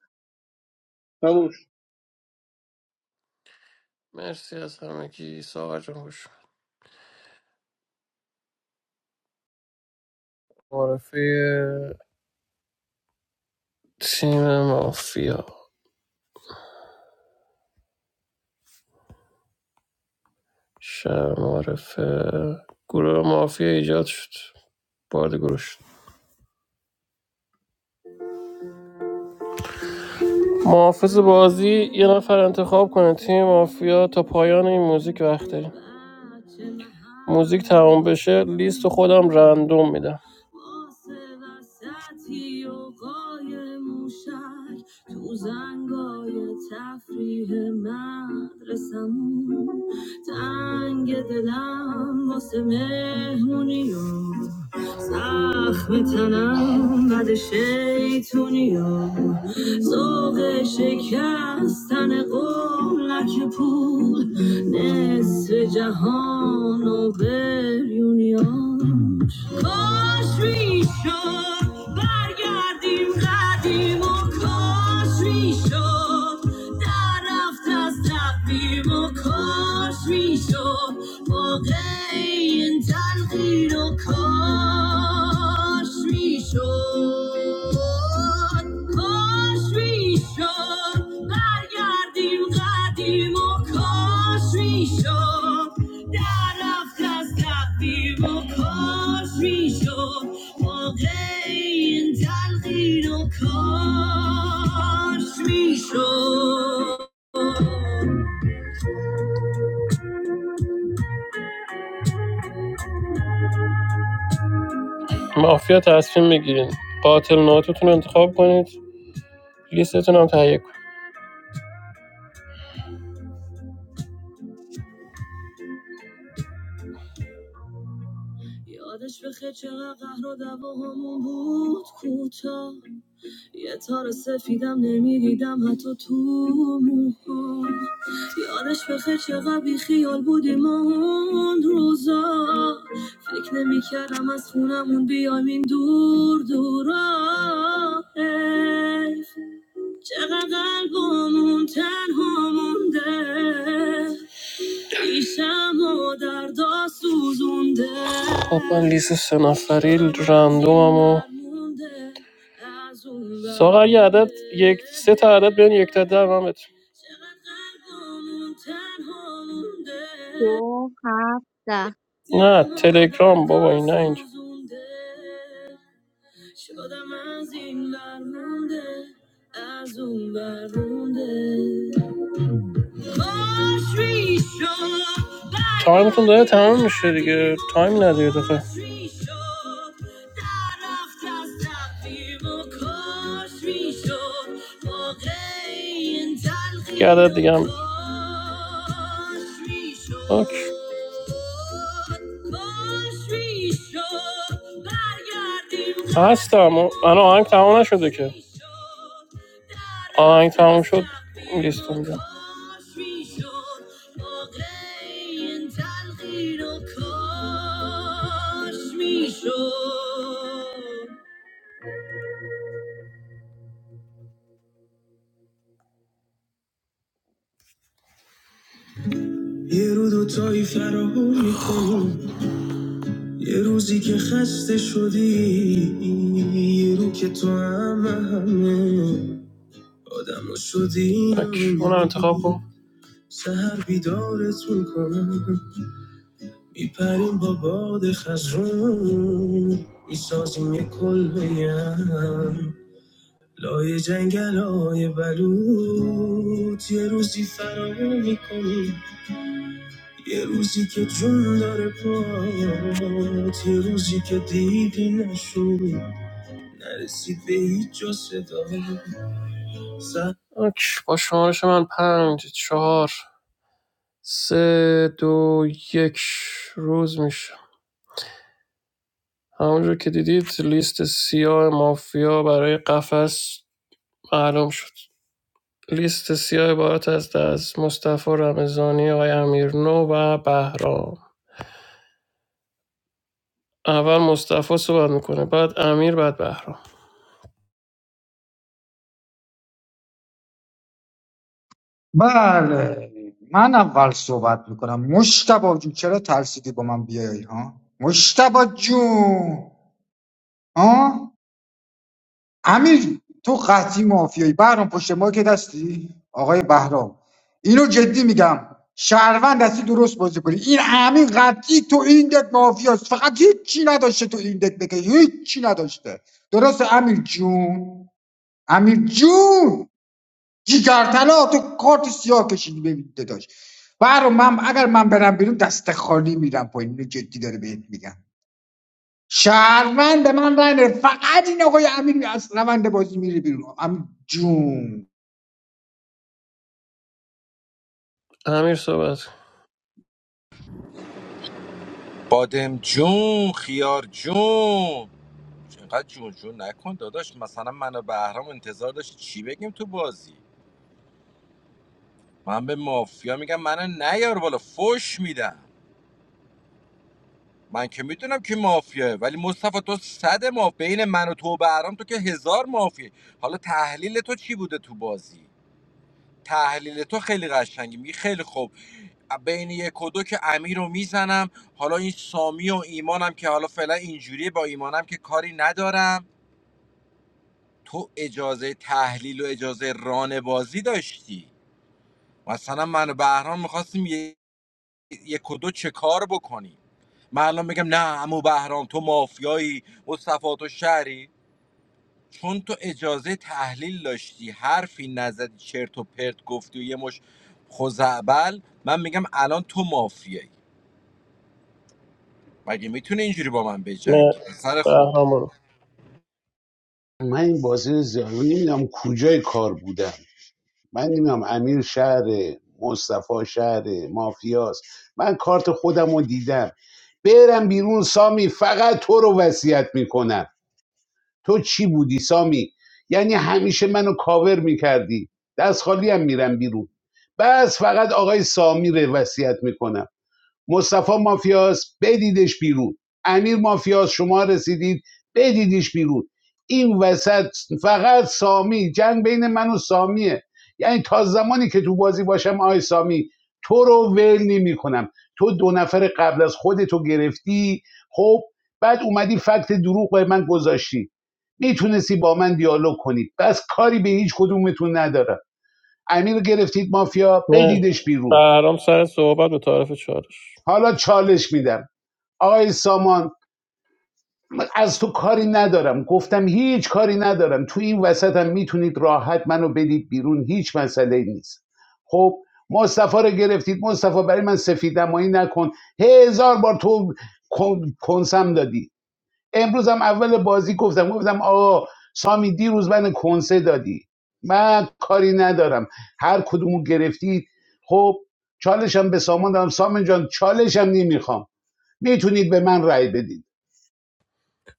N: تموم شد.
F: مرسی از همگی ساغر جان خوش معرفه تیم مافیا شهر معرفه گروه مافیا ایجاد شد بارد گروه شد محافظ بازی یه نفر انتخاب کنه تیم مافیا تا پایان این موزیک وقت داریم موزیک تمام بشه لیست خودم رندوم میدم واسه وسطی و قای موشک تو زنگای تفریح مدرسمون تنگ دلم واسه مهمونی و زخم تنم بد شیطونی و ذوق شکستن قولک پول نصف جهان و بریونی ها. کاش میشد برگردیم قدیم و کاش میشد در رفت از تقویم و کاش میشد واقعی این تلقین و کاش میشد کاش میشد برگردیم قدیم و کاش میشد در رفت از تقدیر و کاش میشد واقع این تلقین و کاش میشد مافیا تصمیم بگیرین قاتل ناتوتون رو انتخاب کنید لیستتون هم تهیه کنید یادش بخیر چقدر قهر و دعواهامون بود کوتاه یه تار سفیدم نمیدیدم حتی تو موهام یادش بخیر چقدر بی خیال بودیم اون روزا فکر نمیکردم از خونمون بیایم این دور دورا حیف چقدر قلبمون تنها مونده خب من لیست سه نفری رندومم و ساقا اگه عدد یک سه تا عدد بیان یک تا ده من بهت-
O: to have the
F: نه تلگرام بابا این نه اینجا تایمتون داره تمام میشه دیگه تایم نده یه دفعه یه عدد دیگه هم اوکی. هستم من آهنگ تمام نشده که آهنگ تمام شد لیست میدم یه رو دو تایی فراهم میکنم یه روزی که خسته شدی یه رو که تو همه همه آدم رو شدی تک. اونم انتخاب کن سهر بیدارتون کنم میپریم با باد خزرون میسازیم یک کلبه هم لای جنگل های بلوط یه روزی فرار میکنیم یه روزی که جون داره پات یه روزی که دیدی نشد نرسید به هیچ جا صدا سه- اوکی، با شمارش من پنج چهار سه دو یک روز میشه همونجور که دیدید لیست سیاه مافیا برای قفس معلوم شد لیست سیاه عبارت است از مصطفی رمضانی آقای امیرنو و بهرام اول مصطفی صحبت میکنه بعد امیر بعد بهرام
J: بله من اول صحبت میکنم مشتبه جون چرا ترسیدی با من بیای ها مشتبه جون ها امیر تو قطعی مافیایی بهرام پشت ما که دستی آقای بهرام اینو جدی میگم شهروند هستی درست بازی کنی این امین قطعی تو این دک مافیاست فقط هیچی نداشته تو این دک بگه هیچی نداشته درست امیر جون امیر جون جیگرتلا تو کارت سیاه کشیدی ببین داشت بهرام من اگر من برم بیرون دست خالی میرم پایین اینو جدی داره بهت میگم شهروند من رای نده. فقط این آقای امیر از روند بازی میره بیرون امیر جون
F: امیر صحبت کن.
B: بادم جون خیار جون اینقدر جون جون نکن داداش مثلا منو و بهرام انتظار داشت چی بگیم تو بازی من به مافیا میگم منو نیار بالا فوش میدم من که میدونم که مافیاه ولی مصطفی تو صد ما بین من و تو و بهرام تو که هزار مافیه حالا تحلیل تو چی بوده تو بازی تحلیل تو خیلی قشنگی میگی خیلی خوب بین یک و دو که امیر رو میزنم حالا این سامی و ایمانم که حالا فعلا اینجوریه با ایمانم که کاری ندارم تو اجازه تحلیل و اجازه ران بازی داشتی مثلا من و بهرام میخواستیم یه یک و دو چه کار بکنیم من الان بگم نه امو بهرام تو مافیایی مصطفی تو شهری چون تو اجازه تحلیل داشتی حرفی نزدی چرت و پرت گفتی و یه مش خوزعبل من میگم الان تو مافیایی مگه میتونه اینجوری با من
F: نه
B: بجنگی پسر خوب
F: بهرام برو
A: من این بازی رو زیاد نمیدونم کجای کار بودم من نمیدونم امیر شهر مصطفی شهر مافیاست من کارت خودم رو دیدم برم بیرون سامی فقط تو رو وصیت میکنم تو چی بودی سامی یعنی همیشه منو کاور میکردی دست خالی هم میرم بیرون بس فقط آقای سامی رو وصیت میکنم مصطفی مافیاس بدیدش بیرون امیر مافیاس شما رسیدید بدیدش بیرون این وسط فقط سامی جنگ بین من و سامیه یعنی تا زمانی که تو بازی باشم آی سامی تو رو ول نمی کنم تو دو نفر قبل از خودتو گرفتی خب بعد اومدی فکت دروغ به من گذاشتی میتونستی با من دیالوگ کنی بس کاری به هیچ کدومتون ندارم امیر گرفتید مافیا
F: نه
A: بدیدش بیرون
F: بهرام سر صحبت به طرف چارش
A: حالا چالش میدم آی سامان از تو کاری ندارم گفتم هیچ کاری ندارم تو این وسط هم میتونید راحت منو بدید بیرون هیچ مسئله نیست خب مصطفی رو گرفتید مصطفی برای من سفید نکن هزار بار تو کنسم دادی امروز هم اول بازی گفتم گفتم آقا سامی دیروز من کنسه دادی من کاری ندارم هر کدومو گرفتید خب چالشم به سامان دارم سامان جان چالشم نمیخوام میتونید به من رأی بدید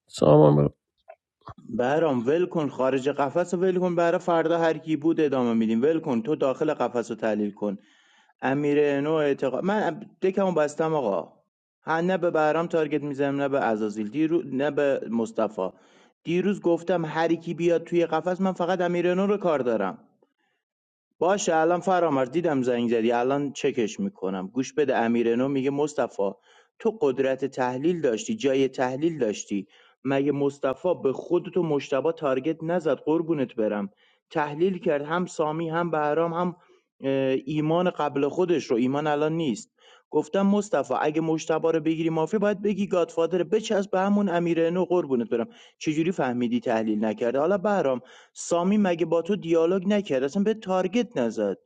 F: سامان برو
I: برام ول کن خارج قفس رو ول کن برا فردا هر کی بود ادامه میدیم ول کن تو داخل قفس رو تحلیل کن امیر نو اعتقاد من دکمو بستم آقا ها نه به بهرام تارگت میزنم نه به عزازیل دیرو... نه به مصطفی دیروز گفتم هر کی بیاد توی قفس من فقط امیر رو کار دارم باشه الان فرامرز دیدم زنگ زدی الان چکش میکنم گوش بده امیرنو میگه مصطفی تو قدرت تحلیل داشتی جای تحلیل داشتی مگه مصطفی به خودت و مشتبه تارگت نزد قربونت برم تحلیل کرد هم سامی هم بهرام هم اه، ایمان قبل خودش رو ایمان الان نیست گفتم مصطفی اگه مشتبه رو بگیری مافی باید بگی گادفادر بچسب به همون امیرنو قربونت برم چجوری فهمیدی تحلیل نکرده حالا سامی مگه با تو دیالوگ نکرد اصلا به تارگت نزد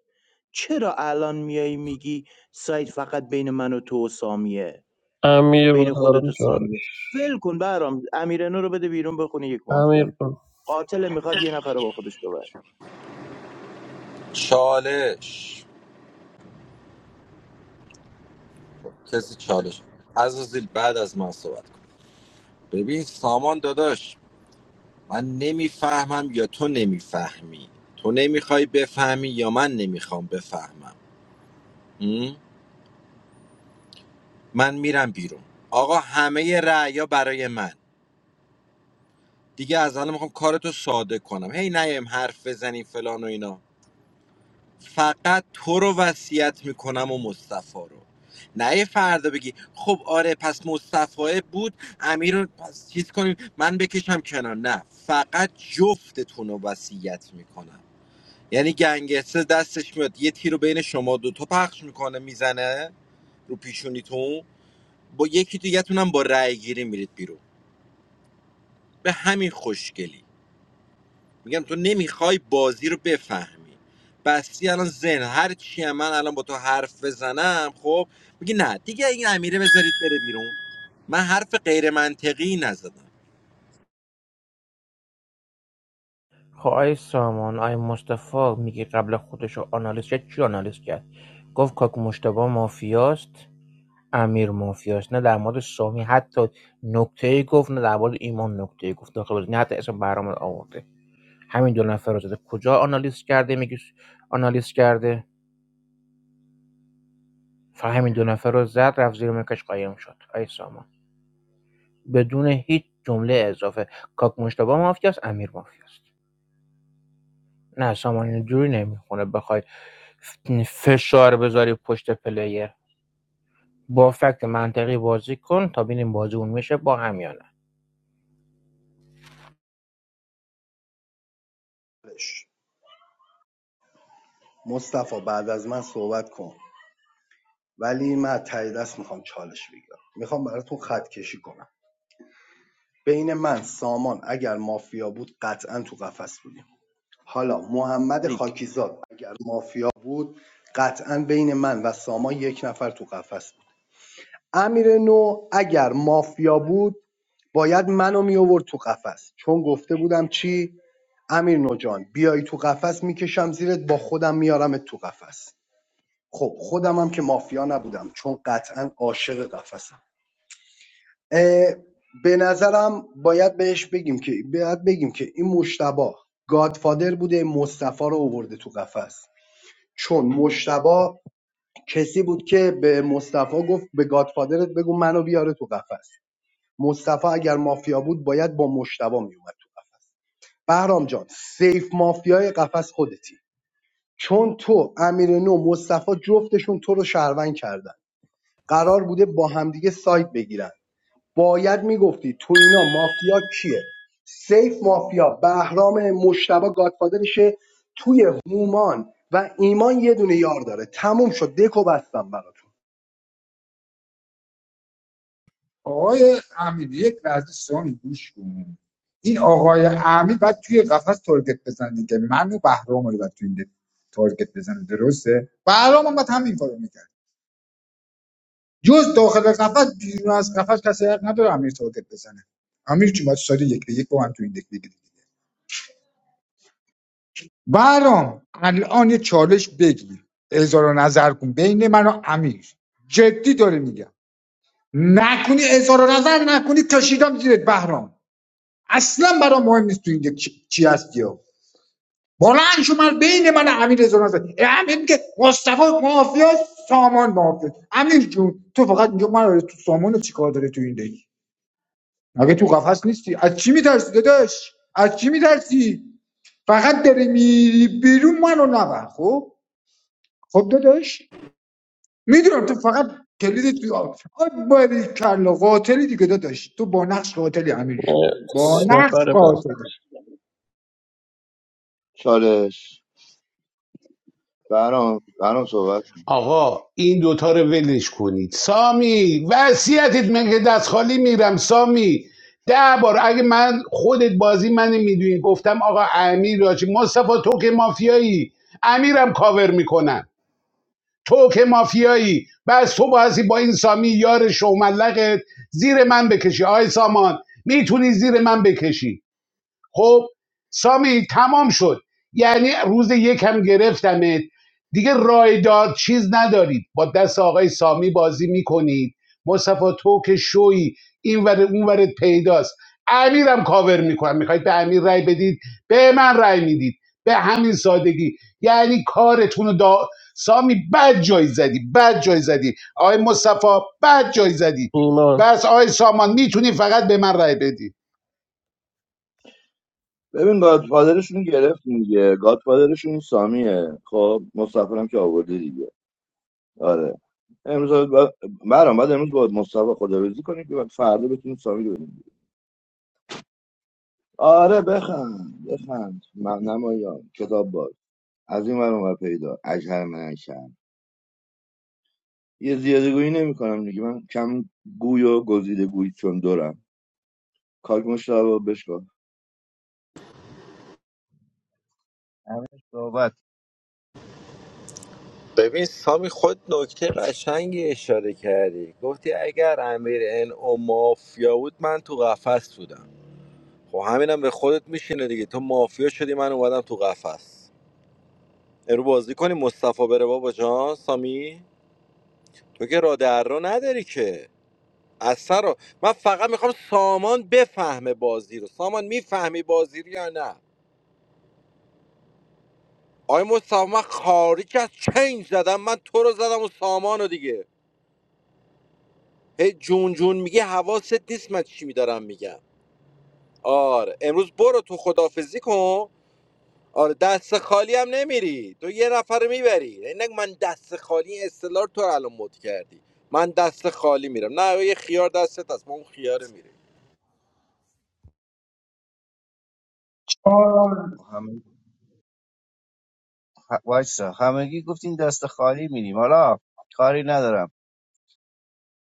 I: چرا الان میای میگی سایت فقط بین من و تو و سامیه
F: امیر به
I: بین
F: طرف
I: خودت و سامیه
F: چارش
I: ول کن برام امیرنو رو بده بیرون بخونه یک
F: امیر
I: مافیا
F: برو
I: قاتل میخواد یه نفر رو با خودش ببره
B: چالش کسی چالش عزازیل بعد از من صحبت کن. ببین سامان داداش من نمیفهمم یا تو نمیفهمی تو نمیخوای بفهمی یا من نمیخوام بفهمم م؟ من میرم بیرون آقا همه رعیا برای من دیگه از الان میخوام کارتو ساده کنم هی نیم حرف بزنیم فلان و اینا فقط تو رو وصیت میکنم و مصطفی رو نه یه فردا بگی خب آره پس مصطفی بود امیر رو پس چیز کنیم من بکشم کنار نه فقط جفتتون رو وصیت میکنم یعنی گنگستر دستش میاد یه تیرو بین شما دوتا پخش میکنه میزنه رو پیشونیتون با یکی دیگه‌تون هم با رأی گیری میرید بیرون به همین خوشگلی میگم تو نمیخوای بازی رو بفهمی بستی الان زن هر چی هم من الان با تو حرف بزنم خب میگی نه دیگه این امیره بذارید بره بیرون من حرف غیر منطقی نزدم
K: خب آی سامان آی مصطفی میگه قبل خودشو رو آنالیز کرد چی آنالیز کرد گفت کاک مشتبا مافیاست امیر مافیاش نه در مورد شامی حتی نکته‌ای گفت نه در مورد ایمان نکته‌ای گفت داخل بازی نه حتی اسم برام آورده همین دو نفر رو زده کجا آنالیز کرده میگی آنالیز کرده فقط همین دو نفر رو زد رفت زیر مکش قایم شد ای سامان بدون هیچ جمله اضافه کاک مشتبه مافیاست امیر مافیاست نه سامان اینجوری نمیخونه بخوای ف- فشار بذاری پشت پلیر با فکت منطقی بازی کن تا ببینیم بازی اون میشه با هم یا نه
D: مصطفی بعد از من صحبت کن ولی من از ته میخوام چالش بگیرم میخوام براتون خط کشی کنم بین من سامان اگر مافیا بود قطعا تو قفس بودیم حالا محمد
I: آریک.
D: خاکیزاد اگر مافیا بود قطعا بین من و سامان یک نفر تو قفس بود امیر نو اگر مافیا بود باید منو می آورد تو قفس چون گفته بودم چی امیر نو جان بیای تو قفس میکشم زیرت با خودم میارمت تو قفس خب خودم هم که مافیا نبودم چون قطعا عاشق قفسم اه، به نظرم باید بهش بگیم که باید بگیم که این مشتبا گادفادر بوده مصطفی رو آورده تو قفس چون مشتبا کسی بود که به مصطفی گفت به گادفادرت بگو منو بیاره تو قفس مصطفی اگر مافیا بود باید با مشتبا میومد تو قفس بهرام جان سیف مافیای قفس خودتی چون تو امیر نو مصطفی جفتشون تو رو شهروند کردن قرار بوده با همدیگه سایت بگیرن باید میگفتی تو اینا مافیا کیه سیف مافیا بهرام مشتبه گادفادرشه توی هومان و ایمان یه دونه یار داره تموم شد دکو بستم براتون
J: آقای امیر یک لحظه سوانی گوش کن این آقای امیر باید توی قفس تارگت بزنه دیگه من و بهرام رو باید توی این دک تارگت بزنه درسته بهرام هم باید همین کارو میکرد جز داخل قفس بیرون از قفس کسی حق نداره امیر تارگت بزنه امیر جون باید ساده یک به یک با هم توی این دک بگیری برام الان یه چالش بگیر اظهار و نظر کن بین من و امیر جدی داره میگم نکنی اظهار و نظر نکنی کشیدم زیرت بهرام اصلا برام مهم نیست تو اینجا چی چی هستی ها بلند شو من بین من و امیر اظهار و نظر امیر میگه مصطفی مافیا سامان مافیا امیر جون تو فقط اینجا من رو تو سامان رو چیکار داره تو این دیگه مگه تو قفس نیستی از چی میترسی داداش از چی میترسی فقط داری میری بیرون منو نبر خب خب داداش میدونم تو فقط کلید توی آب آب کلا قاتلی دیگه داداش تو با نقش قاتلی امیرشون
F: نه
J: با نقش
F: نفر بعد
J: قاتلی
C: چالش برام برام صحبت
A: آقا این دوتا رو ولش کنید سامی وصیتت من که دست خالی میرم سامی ده بار اگه من خودت بازی من میدونی گفتم آقا امیر راجی مصطفی تو که مافیایی امیرم کاور میکنن تو که مافیایی بس تو بازی با این سامی یار شوملقت زیر من بکشی آی سامان میتونی زیر من بکشی خب سامی تمام شد یعنی روز یک هم گرفتمت دیگه رایدار چیز ندارید با دست آقای سامی بازی میکنید مصطفی تو که شوی این ور اون ورت پیداست امیرم کاور میکنم میخواید به امیر رای بدید به من رای میدید به همین سادگی یعنی کارتون دا... سامی بد جای زدی بد جای زدی آقای مصطفی بد جای زدی
F: ایمان
A: بس آقای سامان میتونی فقط به من رای بدی
C: ببین گادفادرشون گرفتیم دیگه گادفادرشون این سامیه خب مصطفی هم که آورده دیگه آره امروز با... برام بعد امروز با مصطفی خداویسی کنیم که بعد فردا بتونیم سامی رو ببینیم آره بخند بخند من نمایان کتاب باز از این ور اونور پیدا اجهر من شم یه زیاده گویی نمی‌کنم دیگه من کم گوی و گزیده گویی چون دورم کاک مشتاق بشکن
L: همه صحبت
B: ببین سامی خود نکته قشنگی اشاره کردی گفتی اگر امیر این او مافیا بود من تو قفس بودم خب همینم به خودت میشینه دیگه تو مافیا شدی من اومدم تو قفس ارو بازی کنی مصطفی بره بابا جان سامی تو که راه در رو نداری که اثر رو من فقط میخوام سامان بفهمه بازی رو سامان میفهمی بازی رو یا نه آی مصطفی من خارج از چنج زدم من تو رو زدم و سامان رو دیگه هی جون جون میگه حواست نیست من چی میدارم میگم آره امروز برو تو خدافزی کن آره دست خالی هم نمیری تو یه نفر میبری اینک من دست خالی این اصطلاح رو تو الان مد کردی من دست خالی میرم نه یه خیار دستت هست ما اون خیاره میریم
L: همه ه- وایسا همگی گفتین دست خالی میریم حالا کاری ندارم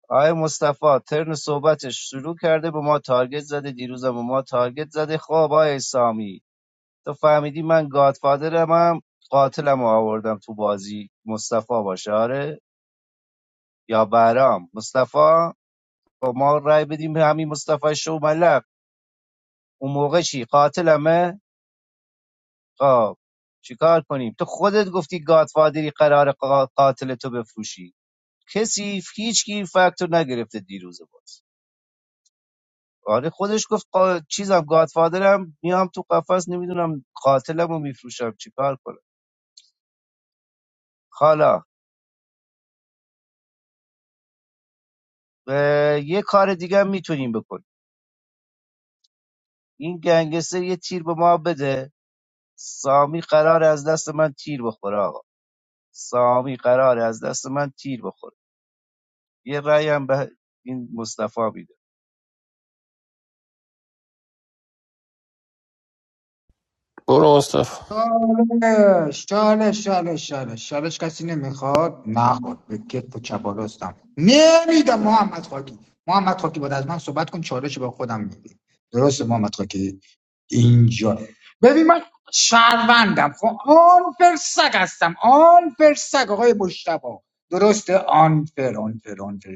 L: آقای مصطفی ترن صحبتش شروع کرده به ما تارگت زده دیروزم به ما تارگت زده خب آقای سامی تو فهمیدی من گادفادرم هم قاتلم رو آوردم تو بازی مصطفی باشه آره یا برام مصطفی خب ما رای بدیم به همین مصطفی شو ملق اون موقع چی قاتلمه خب چیکار کنیم تو خودت گفتی گادفادری قرار قاتل تو بفروشی کسی هیچ کی فاکتور نگرفته دیروز باز آره خودش گفت قا... چیزم گادفادرم میام تو قفس نمیدونم قاتلمو رو میفروشم چیکار کنم حالا اه، یه کار دیگه هم میتونیم بکنیم این گنگستر یه تیر به ما بده سامی قرار از دست من تیر بخوره آقا سامی قراره از دست من تیر بخوره یه رأی هم به این مصطفی میده
F: برو مصطفی
J: چالش چالش چالش چالش چالش کسی نمیخواد نخواد به کتف و چپالاستم نمیدم محمد خاکی محمد خاکی باید از من صحبت کن چالش با خودم میدی درسته محمد خاکی اینجا ببین من شهروندم خب آن فرسک هستم آن فرسک آقای مشتبا درسته آن فر آن فر آن فر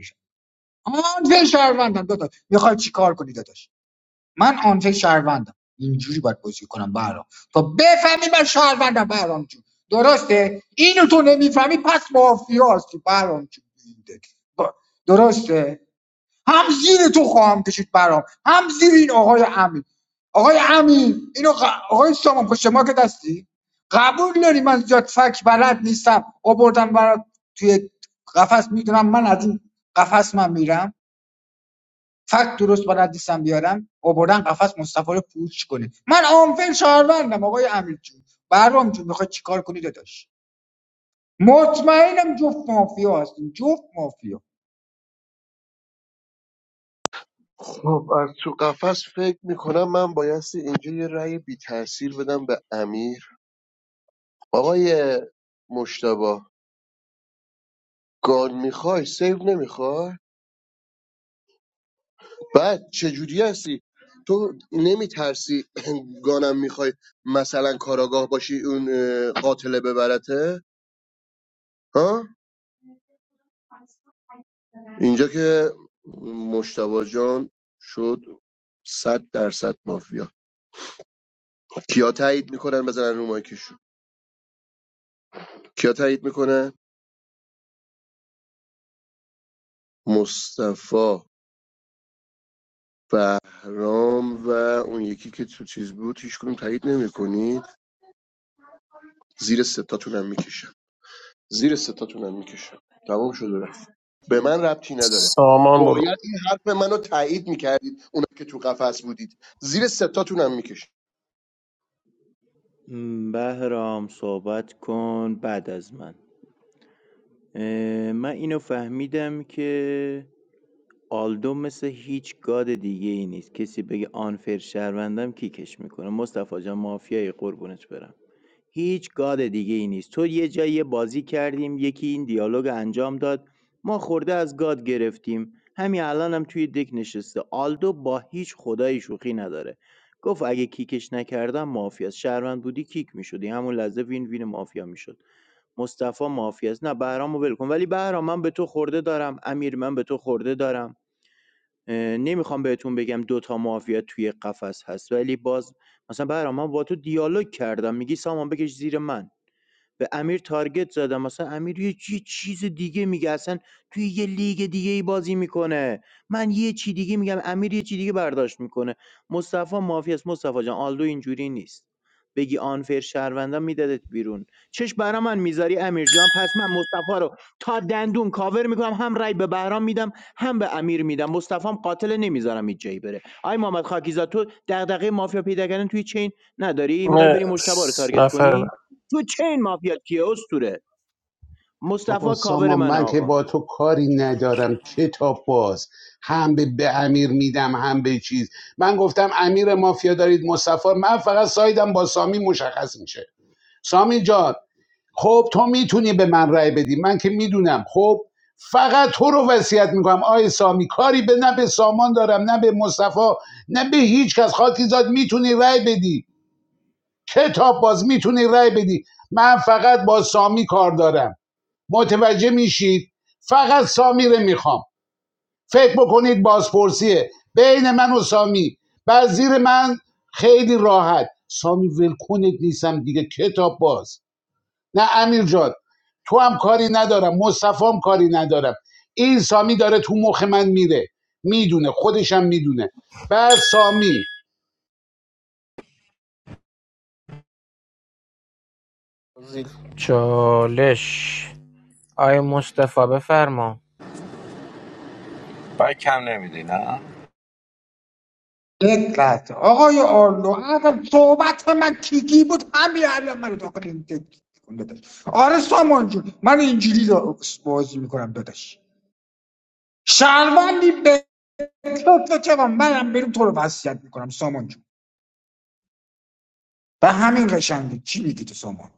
J: آن فر شهروندم دوتا میخوای چی کار کنی داداش من آن فکر شهروندم اینجوری باید بازی کنم برام تا بفهمی من شهروندم برام جون درسته اینو تو نمیفهمی پس مافیا هستی برام جون با- درسته هم زیر تو خواهم کشید برام هم زیر این آقای امین آقای امین اینو ق... آقای سامان پشت ما که دستی قبول داری من زیاد فک بلد نیستم آوردم برات توی قفس میدونم من از این قفس من میرم فقط درست بلد نیستم بیارم آوردن قفس مصطفی رو پوچ کنه من آنفل شهروندم آقای امیر جون برام جون میخواد چیکار کنی داداش مطمئنم جفت مافیا هستیم جفت مافیا
N: خب از تو قفس فکر میکنم من بایستی اینجا یه رأی بی تاثیر بدم به امیر آقای مشتبه گان میخوای سیو نمیخوای بعد چجوری هستی تو نمیترسی گانم میخوای مثلا کاراگاه باشی اون اه، قاتله ببرته ها اینجا که مشتبه جان شد صد درصد مافیا کیا تایید میکنن بزنن رو مایکشون کیا تایید میکنن مصطفی بهرام و اون یکی که تو چیز بود هیچ کدوم تایید نمیکنید زیر ستاتون هم میکشم زیر ستاتونم میکشم تمام شد و رفت به من ربطی نداره
F: سامان برو
N: باید این حرف منو تایید میکردید اونا که تو قفس بودید زیر ستاتونم میکشم
I: م، بهرام صحبت کن بعد از من اه، من اینو فهمیدم که آلدو مثل هیچ گاد دیگه ای نیست کسی بگه آنفر شهروندم کیکش میکنه مصطفی جان مافیای قربونت برم هیچ گاد دیگه دیگه‌ای نیست تو یه جایی یه بازی کردیم یکی این دیالوگ انجام داد ما خورده از گاد گرفتیم همین الانم هم توی دک نشسته آلدو با هیچ خدایی شوخی نداره گفت اگه کیکش نکردم مافیاست شهروند بودی کیک میشدی همون لحظه وین وین مافیا میشد مصطفی مافیاست نه بهرامو ول کن ولی بهرام من به تو خورده دارم امیر من به تو خورده دارم اه، نمیخوام بهتون بگم دوتا مافیا توی قفس هست ولی باز مثلا بهرام من با تو دیالوگ کردم میگی سامان بکش زیر من به امیر تارگت زدم مثلا امیر یه چی چیز دیگه میگه اصلا توی یه لیگ دیگه ای بازی میکنه من یه چی دیگه میگم امیر یه چی دیگه برداشت میکنه مصطفی مافی است مصطفی جان آلدو اینجوری نیست بگی آنفر شهروندم میدادت بیرون چش برا من میذاری امیر جان پس من مصطفی رو تا دندون کاور میکنم هم رای به بهرام میدم هم به امیر میدم مصطفیم قاتل نمیذارم هیچ جایی بره آی محمد خاکیزاد تو دغدغه مافیا پیدا کردن توی چین نداری میخوای بری مشتبه رو
F: مرس
I: تارگت
F: نفر
I: کنی
F: بعد.
I: تو چین مافیات کیه استوره
A: بابا
I: مصطفی کاور
A: سامان
I: من
A: من که
I: آقا
A: با تو کاری ندارم کتاب باز هم به, به امیر میدم هم به چیز من گفتم امیر مافیا دارید مصطفی من فقط سایدم با سامی مشخص میشه سامی جان خب تو میتونی به من رأی بدی من که میدونم خب فقط تو رو وصیت میکنم آی سامی کاری به نه به سامان دارم نه به مصطفی نه به هیچ کس خاطی زاد میتونی رأی بدی کتاب باز میتونی رأی بدی من فقط با سامی کار دارم متوجه میشید فقط سامی رو میخوام فکر بکنید بازپرسیه بین من و سامی زیر من خیلی راحت سامی ولکونت نیستم دیگه کتاب باز نه امیر جان تو هم کاری ندارم مصطفی هم کاری ندارم این سامی داره تو مخ من میره میدونه خودشم میدونه بعد سامی
K: چالش آی مصطفی بفرما
B: برای کم نمیدی نه
J: دقت آقای آرلو اگر صحبت من تیکی بود همین الان من داخل این تیک کن داداش آره سامان جون من اینجوری رو بازی میکنم داداش شهروندی به تو تو چه منم بریم تو رو وصیت میکنم سامان جون به همین قشنگی چی میگی تو سامان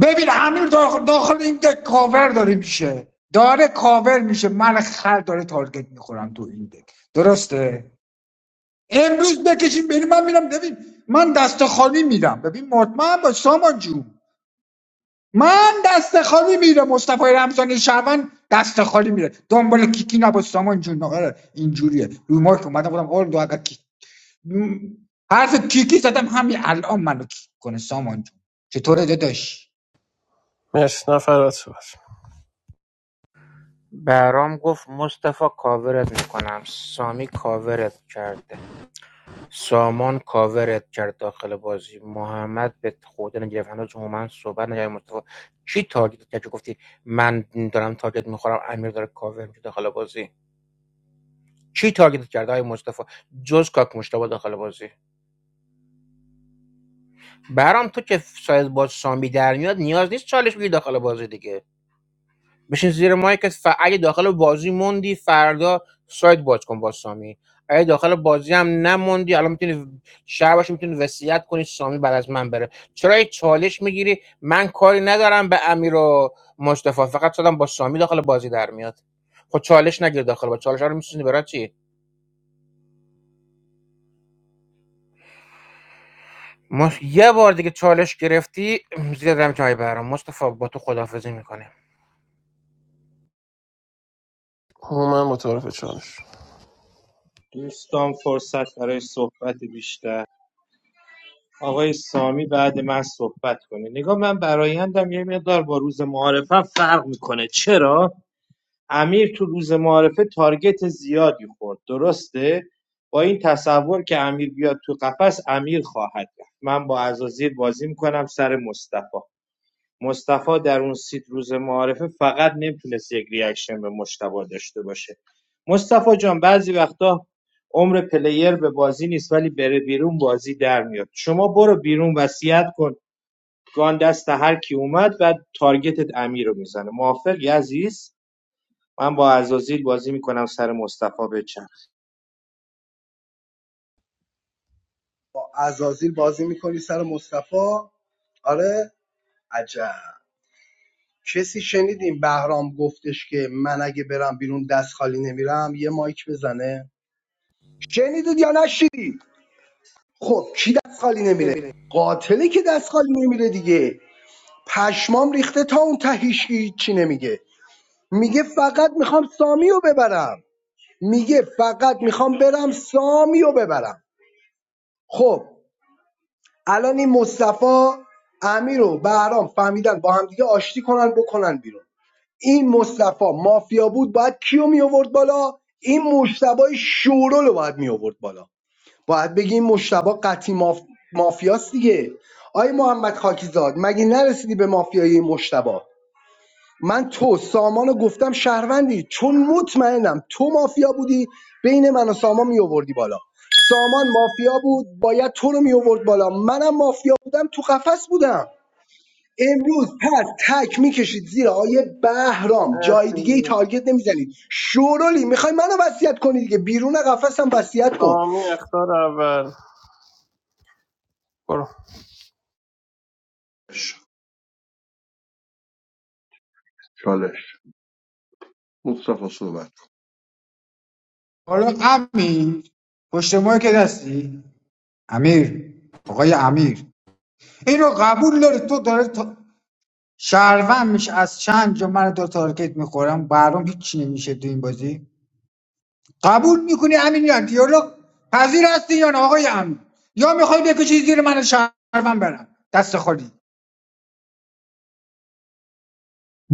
J: ببین امیر داخل, داخل این دک کاور داره میشه داره کاور میشه من خر داره تارگت میخورم تو این دک درسته امروز بکشیم بریم من میرم ببین من دست خالی میرم ببین مطمئن باش سامان جون من دست خالی میره مصطفی رمضان شعبان دست خالی میره دنبال کیکی نباش سامان جون آره اینجوریه روی مارک اومدم گفتم اول دو اگر کی... م، حرف کیکی زدم همین الان منو کیک کنه سامان جون چطوره داداش
F: مرس نفر بعد صحبت
K: برام گفت مصطفی کاورت میکنم سامی کاورت کرده سامان کاورت کرد داخل بازی محمد به خود نگرفت هنوز من صحبت نگه مصطفی چی تارگت کرد که گفتی من دارم تارگت میخورم امیر داره کاور میشه داخل بازی چی تارگت کرده آی مصطفی جز کاک مشتبه داخل بازی برام تو که سایز با سامی در میاد نیاز نیست چالش بگیری داخل بازی دیگه بشین زیر مایکت ف... اگه داخل بازی موندی فردا سایت باز کن با سامی اگه داخل بازی هم نموندی الان میتونی شهر باشی میتونی وصیت کنی سامی بعد از من بره چرا یه چالش میگیری من کاری ندارم به امیر و مصطفی فقط شدم با سامی داخل بازی در میاد خب چالش نگیر داخل با چالش ها رو میسوزنی برای چی ما یه بار دیگه چالش گرفتی زیاد هم جای برام مصطفی با تو خدافظی میکنه
F: هومن با تعارف چالش
M: دوستان فرصت برای صحبت بیشتر آقای سامی بعد من صحبت کنه نگاه من برایندم یه مقدار با روز معارفه فرق میکنه چرا امیر تو روز معارفه تارگت زیادی خورد درسته با این تصور که امیر بیاد تو قفس امیر خواهد رفت من با عزازیر بازی میکنم سر مصطفی مصطفی در اون سیت روز معارفه فقط نمیتونست یک ریاکشن به مشتبا داشته باشه مصطفی جان بعضی وقتا عمر پلیر به بازی نیست ولی بره بیرون بازی در میاد شما برو بیرون وصیت کن گان دست هر کی اومد بعد تارگتت امیر رو میزنه موافق عزیز من با عزازیل بازی میکنم سر مصطفی بچم
D: با ازازیل بازی میکنی سر مصطفی آره عجب کسی شنید این بهرام گفتش که من اگه برم بیرون دست خالی نمیرم یه مایک بزنه شنیدید یا نشنیدید خب کی دست خالی نمیره قاتلی که دست خالی نمیره دیگه پشمام ریخته تا اون تهیش هیچی نمیگه میگه فقط میخوام سامیو ببرم میگه فقط میخوام برم سامیو ببرم خب الان این مصطفی امیر و بهرام فهمیدن با همدیگه آشتی کنن بکنن بیرون این مصطفی مافیا بود باید کیو می آورد بالا این مشتبه شورول رو باید می آورد بالا باید بگی این مشتبه قطعی ماف... مافیاست دیگه آی محمد خاکیزاد مگه نرسیدی به مافیای این مشتبه من تو سامانو گفتم شهروندی چون مطمئنم تو مافیا بودی بین من و سامان می آوردی بالا سامان مافیا بود باید تو رو می آورد بالا منم مافیا بودم تو قفس بودم امروز پس تک میکشید زیر آیه بهرام جای دیگه ای
F: مرسی
D: تارگت نمیزنید شورولی میخوای منو وصیت کنی دیگه بیرون قفسم وصیت کن
F: سامی اختار اول برو
N: چالش مصطفی صحبت
J: حالا امیر پشت ما که دستی امیر آقای امیر اینو قبول داری تو داره تا... شهروند میشه از چند جا من دو تارگت میخورم برام هیچی نمیشه تو این بازی قبول میکنی امین یا دیالوگ پذیر هستی یا نه آقای امین؟ یا میخوای بکشی زیر من شهروند برم دست خالی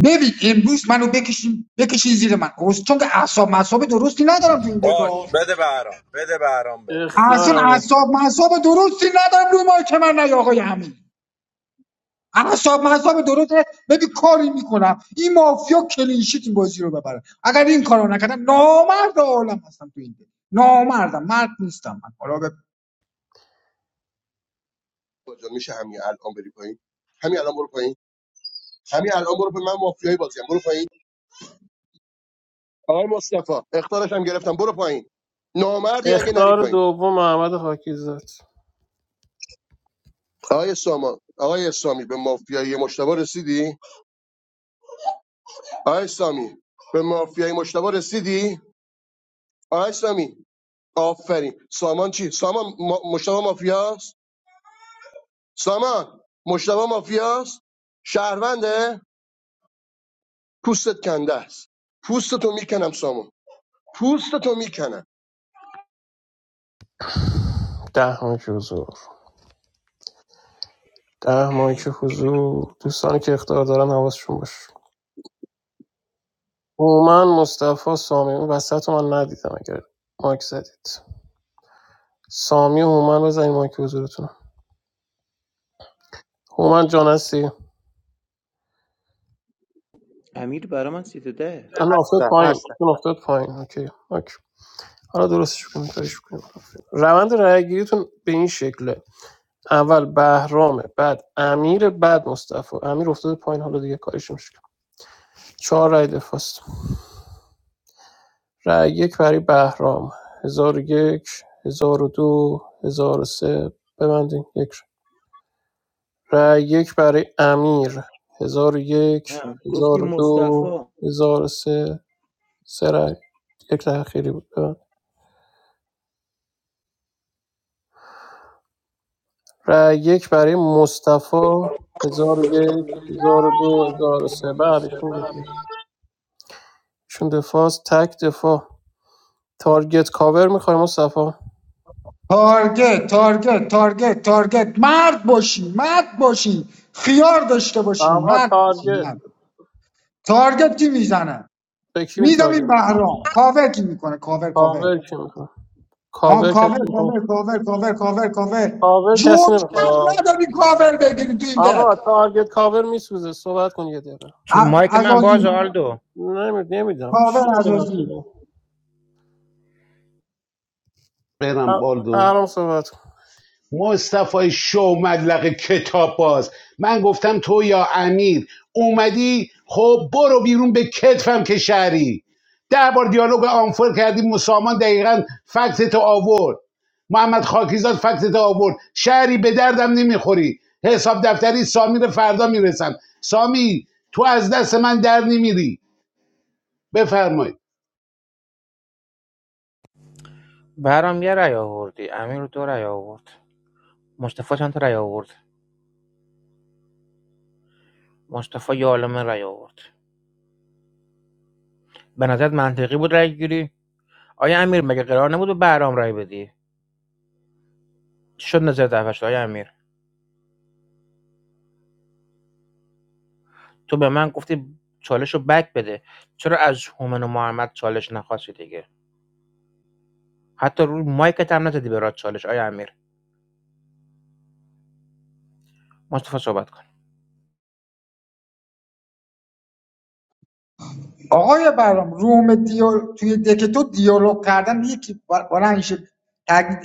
J: ببین امروز منو بکشین بکشین زیر من اوز- چون که اعصاب مصاب درستی ندارم تو این
B: باش
J: دکا
B: بده برام بده برام بره
F: اختار
J: اصلا
F: امیر
J: اعصاب مصاب درستی ندارم روی مایک من نه آقای امین. اعصاب مصاب درسته ببین کاری میکنم این مافیا کلینشیت این بازی رو ببره اگر این کارو نکردم نامرد عالم هستم تو این دل. نامردم مرد نیستم من حالا به
N: کن. جان میشه همین الان بری پایین همین الان برو پایین همین الان برو پایین من مافیایی بازیم برو پایین آقای مصطفی اختارش هم گرفتم برو پایین نامردی اگه نری
F: اختار
N: پایین
F: دوم محمد خاکی زد
N: آقای سامان آقای سامی به مافیایی مشتبه رسیدی آقای سامی به مافیایی مشتبه رسیدی آقای سامی آفرین سامان چی؟ سامان ما... مشتبه مافیاست؟ سامان مشتبه مافیاست؟ شهرونده؟ پوستت کنده است پوستتو میکنم سامان پوستتو میکنم
F: ده مایک حضور ده مایک حضور دوستانی که اختار دارن حواسشون باشه هومن مصطفی سامی اون وسط رو من ندیدم اگر مایک زدید سامی و هومن بزنید مایک حضورتون هومن جان هستی؟
I: امیر برا من سیت ده
F: الان افتاد
M: هستم
F: پایین
M: هستم
F: اون افتاد پایین اوکی اوکی حالا درستش کنیم کارش کنیم روند رأیگیریتون به این شکله اول بهرامه بعد امیر بعد مصطفی امیر افتاده پایین حالا دیگه کارش نمیشه چهار رأی دفاست رأی یک برای بهرام هزار و یک هزار و دو هزار و سه ببندین یک رأی یک برای امیر هزار و یک
I: نه، گفتی
F: هزار و دو
I: مصطفی
F: هزار و سه سه رأی یک رأی خیری بود ببند. رای یک برای مصطفی هزار و یک هزار و دو هزار و سه بله ایشون دفاع ایشون دفاع تک دفاع تارگت کاور میخوای مصطفی
J: تارگت تارگت تارگت تارگت مرد باشین مرد باشین خیار داشته باشین
F: آقا
J: مرد باشین
F: تارگت
J: مرد تارگت کی میزنه
F: به کی میدی
J: میدم این
F: تارگت
J: بهرام کاور کی میکنه کاور کاور
F: کاور کی میخواد
J: آن
F: کاور کسی
J: کاور
F: میخواد
J: کاور کاور کاور کاور کاور
F: کاور کسی
J: جرأت
F: نمیخواد
J: نداری کاور بگیری تو این دل
F: آقا تارگت کاور میسوزه صحبت کن یه دقیقه
J: ع-
K: مایک من باز
J: عزازی
K: آلدو
F: نمید نمیدم
J: کاور
F: چرا به
J: اساسی
F: نفسه
A: برم بالدو
F: الان صحبت کن
A: مصطفی شو مدلق کتاب باز من گفتم تو یا امیر اومدی خب برو بیرون به کتفم که شهری ده بار دیالوگ آنفور کردی مسامان دقیقا فکتت آورد محمد خاکیزاد فکتت آورد شهری به دردم نمیخوری حساب دفتری سامی رو فردا میرسم سامی تو از دست من در نمیری بفرمایید
K: برام یه رای آوردی امیر دو رای آورد مصطفی چند تا رأی آورد مصطفی یه عالمه رأی آورد به نظرت منطقی بود رأی گیری آیا امیر مگه قرار نبود به بهرام رأی بدی شد نظر دفعه شد آیا امیر تو به من گفتی چالش رو بک بده چرا از هومن و محمد چالش نخواستی دیگه حتی روی مایکت هم نزدی برات چالش آیا امیر مصطفی صحبت کن
J: آقای برام روم دیال... توی دک تو دیالوگ کردن یکی بل- بلند شه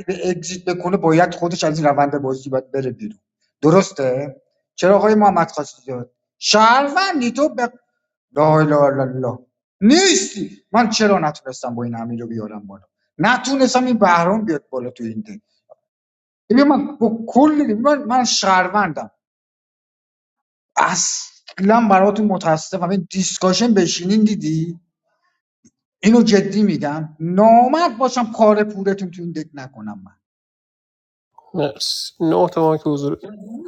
J: به اگزیت بکنه باید خودش از این روند بازی باید بره بیرون درسته چرا آقای محمد خواستی داد شهروندی تو به لا اله الا الله نیستی من چرا نتونستم با این امیر رو بیارم بالا نتونستم این بهرام بیاد بالا تو این دک ببین من با کل من, من شهروندم اصلا براتون متاسفم این دیسکاشن بشینین دیدی اینو جدی میگم نامرد باشم کار پورتون تو این دک نکنم من
F: مرسی نه تا مایک حضور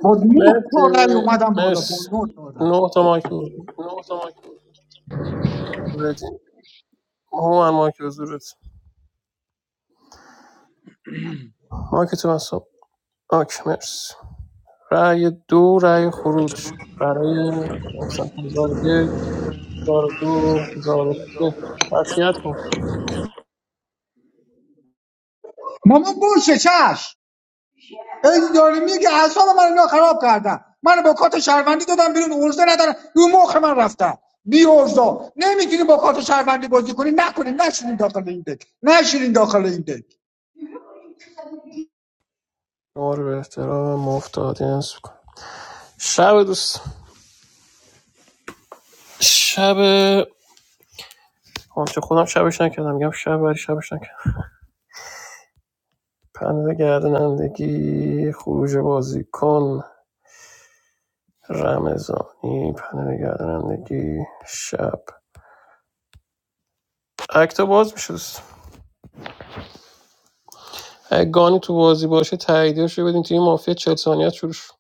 J: با نه تا
F: مرسی
J: رای اومدم بالا با
F: مرسی
J: نه تا رای
F: نه تا مایک حضور هومن مایک حضورت مایک تو من صبح آک مرس رأی دو رأی خروج برای محسن هزار و یک هزار دو هزار و سه قطعیت کن
J: مامان باشه چش ای داره میگه اعصاب من اینا خراب کردن منو با کات شهروندی دادم بیرون ارزه ندارم رو مخ من رفتن بی ارزا نمیتونی با کات شهروندی بازی کنی نکنین نشینین داخل این دک نشینین داخل این دک
F: شما رو به احترام مفت آدینس بکن شب دوست شب آنچه خودم شبش نکردم میگم شب ولی شبش نکردم پنل گردنندگی خروج بازیکن رمضانی پنل گردنندگی شب اکتا باز میشه دوست اگه گانی تو بازی باشه تاییدش رو بدین توی مافیا چهل ثانیه شروع شد.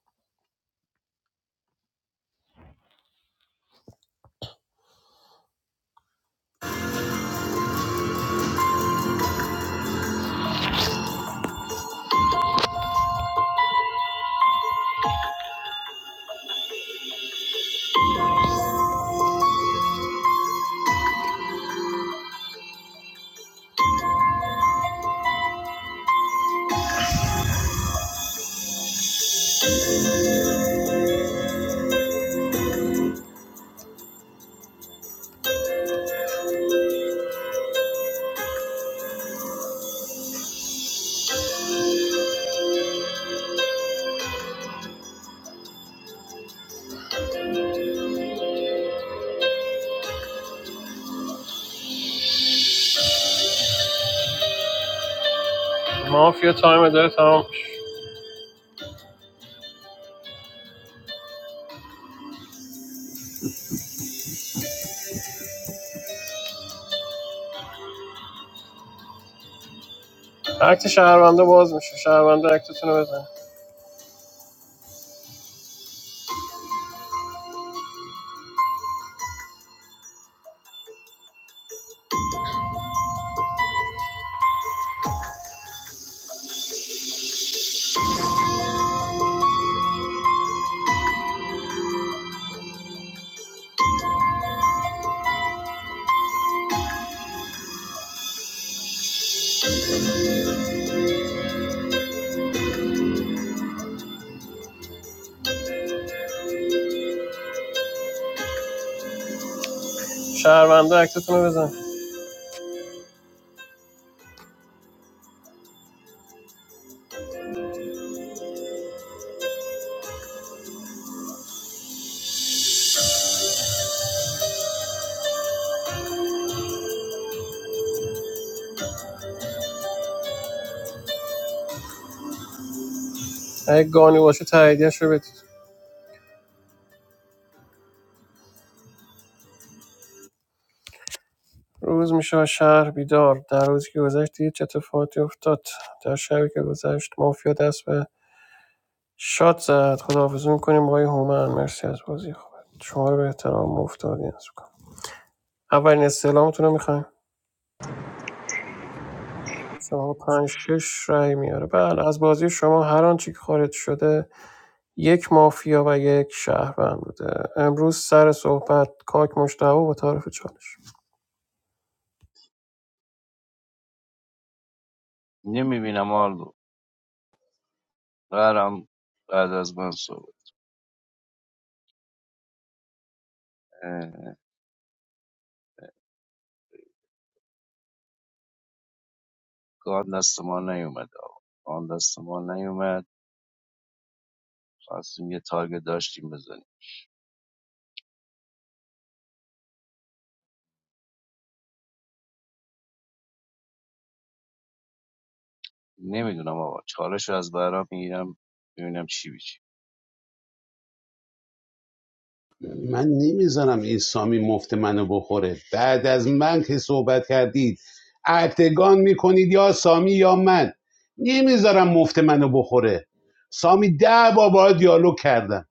F: مافیا تایم داره تمام میشه. اکت شهرونده باز میشه شهرونده اکتتون رو بزن شهرونده اکتتون رو بزن اگه گانی باشه تاییدش رو بدید روز میشه و شهر بیدار در روزی که گذشت دید چه اتفاقاتی افتاد در شبی که گذشت مافیا دست به شاد زد خداحافظی میکنیم با آقای هومن مرسی از بازی خوبه شما رو به احترام افتادی از کنم اولین استعلامتون رو می‌خوایم؟ مثلا پنج شش رای میاره بله از بازی شما هر آنچه که خارج شده یک مافیا و یک شهروند بوده امروز سر صحبت کاک مشتبه با تعارف چالش
L: نمیبینم آلو قرارم بعد از من صحبت اه، گان دست ما نیومد آقا گان دست ما نیومد خواستیم یه تارگت داشتیم بزنیم نمیدونم آقا چالش رو از برام میگیرم ببینم چی بیچی
A: من نمیذارم این سامی مفت منو بخوره بعد از من که صحبت کردید اکتگان میکنید یا سامی یا من نمیذارم مفت منو بخوره سامی ده بار باید دیالوگ کردم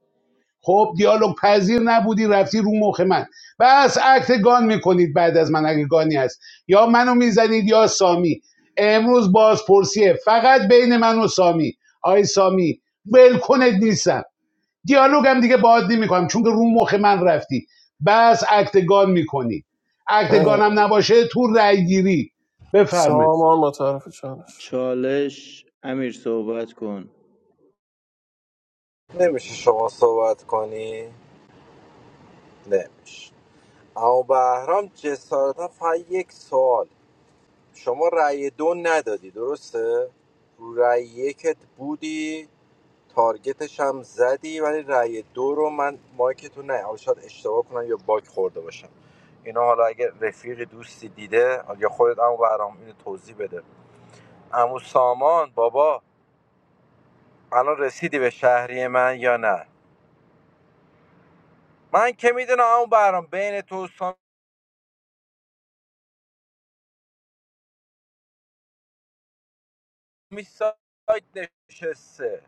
A: خب دیالوگ پذیر نبودی رفتی رو مخ من بس اکتگان میکنید بعد از من اگه گانی هست یا منو میزنید یا سامی امروز بازپرسیه فقط بین من و سامی آی سامی ولکنت نیستم دیالوگ هم دیگه باید نمیکنم چون که رو مخ من رفتی بس اکتگان میکنی
F: بله.
A: اکتگانم نباشه تو رأی گیری بفرمایید
F: سامان با تعارف چالش
I: چالش امیر صحبت کن
B: نمیشه شما صحبت کنی نمیشه اما بهرام جسارتا فقط یک سوال شما رأی دو ندادی درسته؟ رو رأی یکت بودی تارگتش هم زدی ولی رأی دو رو من مایکتون نه شاید اشتباه کنم یا باگ خورده باشم اینا حالا اگه رفیق دوستی دیده یا خودت عمو برام اینو توضیح بده عمو سامان بابا الان رسیدی به شهری من یا نه من که میدونم عمو برام بین تو و سامی سایت نشسته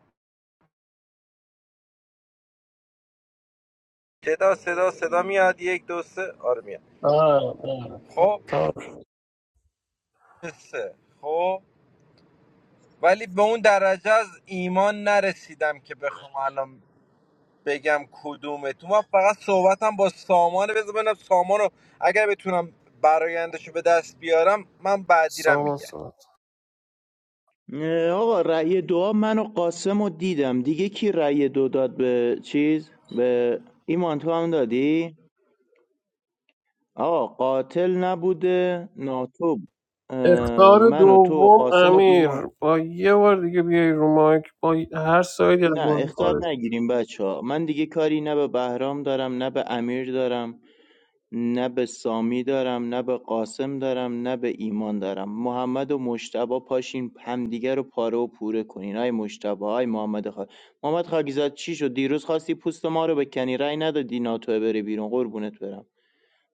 B: صدا صدا صدا میاد یک دو سه آره میاد
F: بله بله
B: خب
F: تعارف.
B: نشسته. خب ولی به اون درجه از ایمان نرسیدم که بخوام الان بگم کدومتون من فقط صحبتم با سامانه بذار ببینم سامانو اگر بتونم برایندشو به دست بیارم من بعدیرم
F: سامان
B: میگم
F: صحبت
I: نه، آقا رأی دعا من و قاسم رو دیدم دیگه کی رأی دو داد به چیز به ایمان تو هم دادی آقا قاتل نبوده ناتوب
F: اختار
I: من و تو و
F: دوم
I: قاسم و ایمان
F: امیر با یه بار دیگه بیای رو مایک با هر سایدی از
I: نه
F: بازی
I: اختار
F: خارج
I: نگیریم بچه ها من دیگه کاری نه به بهرام دارم نه به امیر دارم نه به سامی دارم نه به قاسم دارم نه به ایمان دارم محمد و مشتبه پاشین همدیگه رو پاره و پوره کنین آی مشتبه آی محمد خا... محمد خاکیزاد چی شد دیروز خواستی پوست ما رو بکنی رأی ندادی ناتوه بره بیرون قربونت برم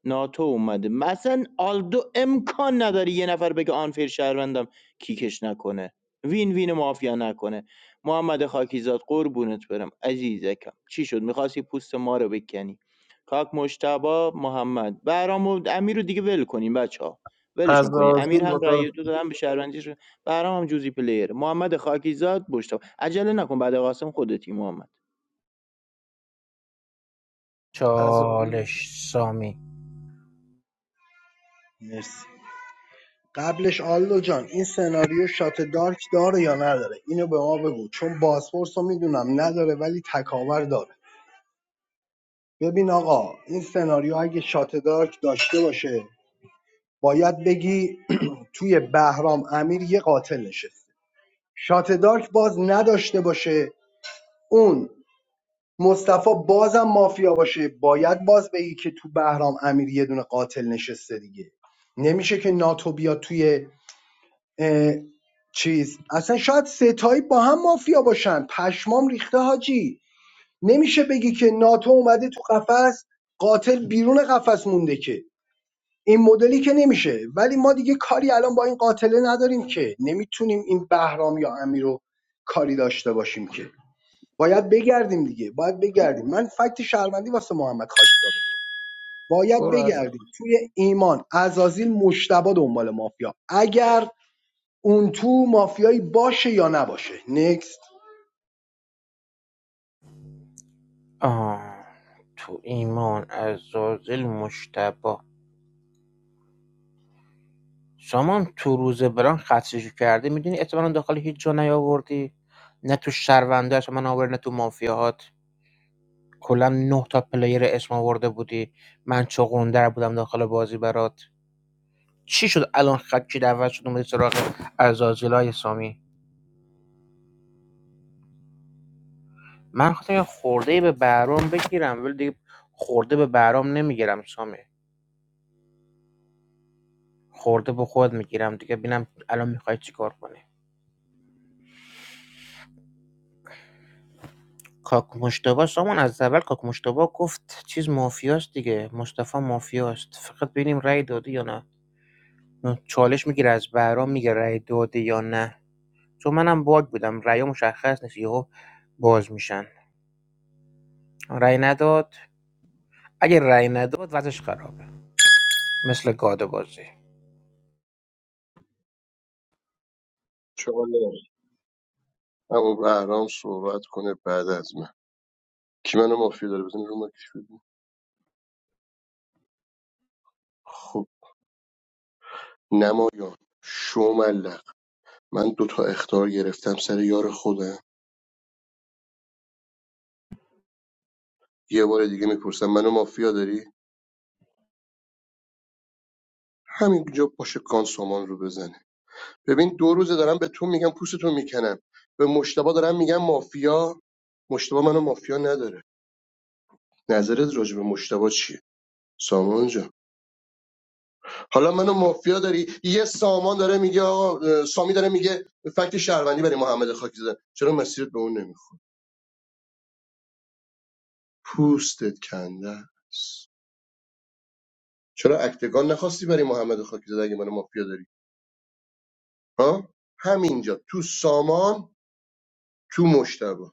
I: ناتو اومده مثلا آلدو امکان نداره یه نفر بگه آنفیر شهروندم کیکش نکنه وین وین مافیا نکنه محمد خاکیزاد قربونت برم عزیزکم چی شد میخواستی پوست ما رو بکنی کاک مشتبا محمد برام و امیر رو دیگه ول کنیم بچه ها ولشون
F: از
I: کنیم امیر
F: آزیل با
I: هم
F: تعارف
I: رأی دو دادن به شهروندیش برام هم جوزی پلیر محمد خاکیزاد مشتبا عجله نکن بعد قاسم خودتی محمد
K: چالش سامی
D: مرسی قبلش آلو جان این سناریو شات دارک داره یا نداره اینو به ما بگو چون بازپرس رو میدونم نداره ولی تکاور داره ببین آقا این سناریو اگه شات دارک داشته باشه باید بگی توی بهرام امیر یه قاتل نشسته شات دارک باز نداشته باشه اون مصطفی بازم مافیا باشه باید باز بگی که تو بهرام امیر یه دونه قاتل نشسته دیگه نمیشه که ناتو بیاد توی اه، چیز اصلا شاید ستایی با هم مافیا باشن پشمام ریخته حاجی نمیشه بگی که ناتو اومده تو قفس قاتل بیرون قفس مونده که این مدلی که نمیشه ولی ما دیگه کاری الان با این قاتله نداریم که نمیتونیم این بهرام یا امیر رو کاری داشته باشیم که باید بگردیم دیگه باید بگردیم من فکت شهروندی واسه محمد خاکی زاده بود باید
F: برو از
D: بگردیم توی ایمان عزازیل مشتبه دنبال مافیا اگر اون تو مافیایی باشه یا نباشه نکست
K: آه تو ایمان عزازل مشتبه شما هم تو روز بران خدشه‌شو کردی میدونی اعتمالا داخل هیچ جا نیاوردی نه تو شهروندهش من آوردی نه تو مافیاهات کلا نه تا پلیر اسم آورده بودی من چغندر بودم داخل بازی برات چی شد الان خکی دعوت شد اومدی سراغ ازازیلای سامی من خواستم یه خورده به برام بگیرم ولی دیگه خورده به برام نمیگیرم سامی خورده به خود میگیرم دیگه ببینم الان میخوای چیکار کنی کاک مشتبه سامان از اول کاک مشتبه گفت چیز مافیاست دیگه مصطفی مافیاست فقط ببینیم رأی داده یا نه چالش میگیره از بهرام میگه رأی داده یا نه چون منم باگ بودم رأی مشخص نیست یهو باز میشن رأی نداد اگه رأی نداد وضعش خرابه مثل گاده بازی
N: چاله اما بهرام صحبت کنه بعد از من کی منو مافیا داره بزنی رو مکش بگو خب نمایان شوملق من دوتا اختار گرفتم سر یار خودم یه بار دیگه میپرسم منو مافیا داری همینجا پاش کان سامان رو بزنه ببین دو روزه دارم به تو میگم پوستتو میکنم به مشتبه دارم میگم مافیا مشتبه منو مافیا نداره نظرت راجع به مشتبه چیه سامان جان حالا منو مافیا داری یه سامان داره میگه آقا اه، سامی داره میگه فکت شهروندی برای محمد خاکی زدن چرا مسیرت به اون نمیخوره پوستت کنده است چرا اکتگان نخواستی برای محمد خاکی زدن اگه منو مافیا داری ها همینجا تو سامان تو مشتبه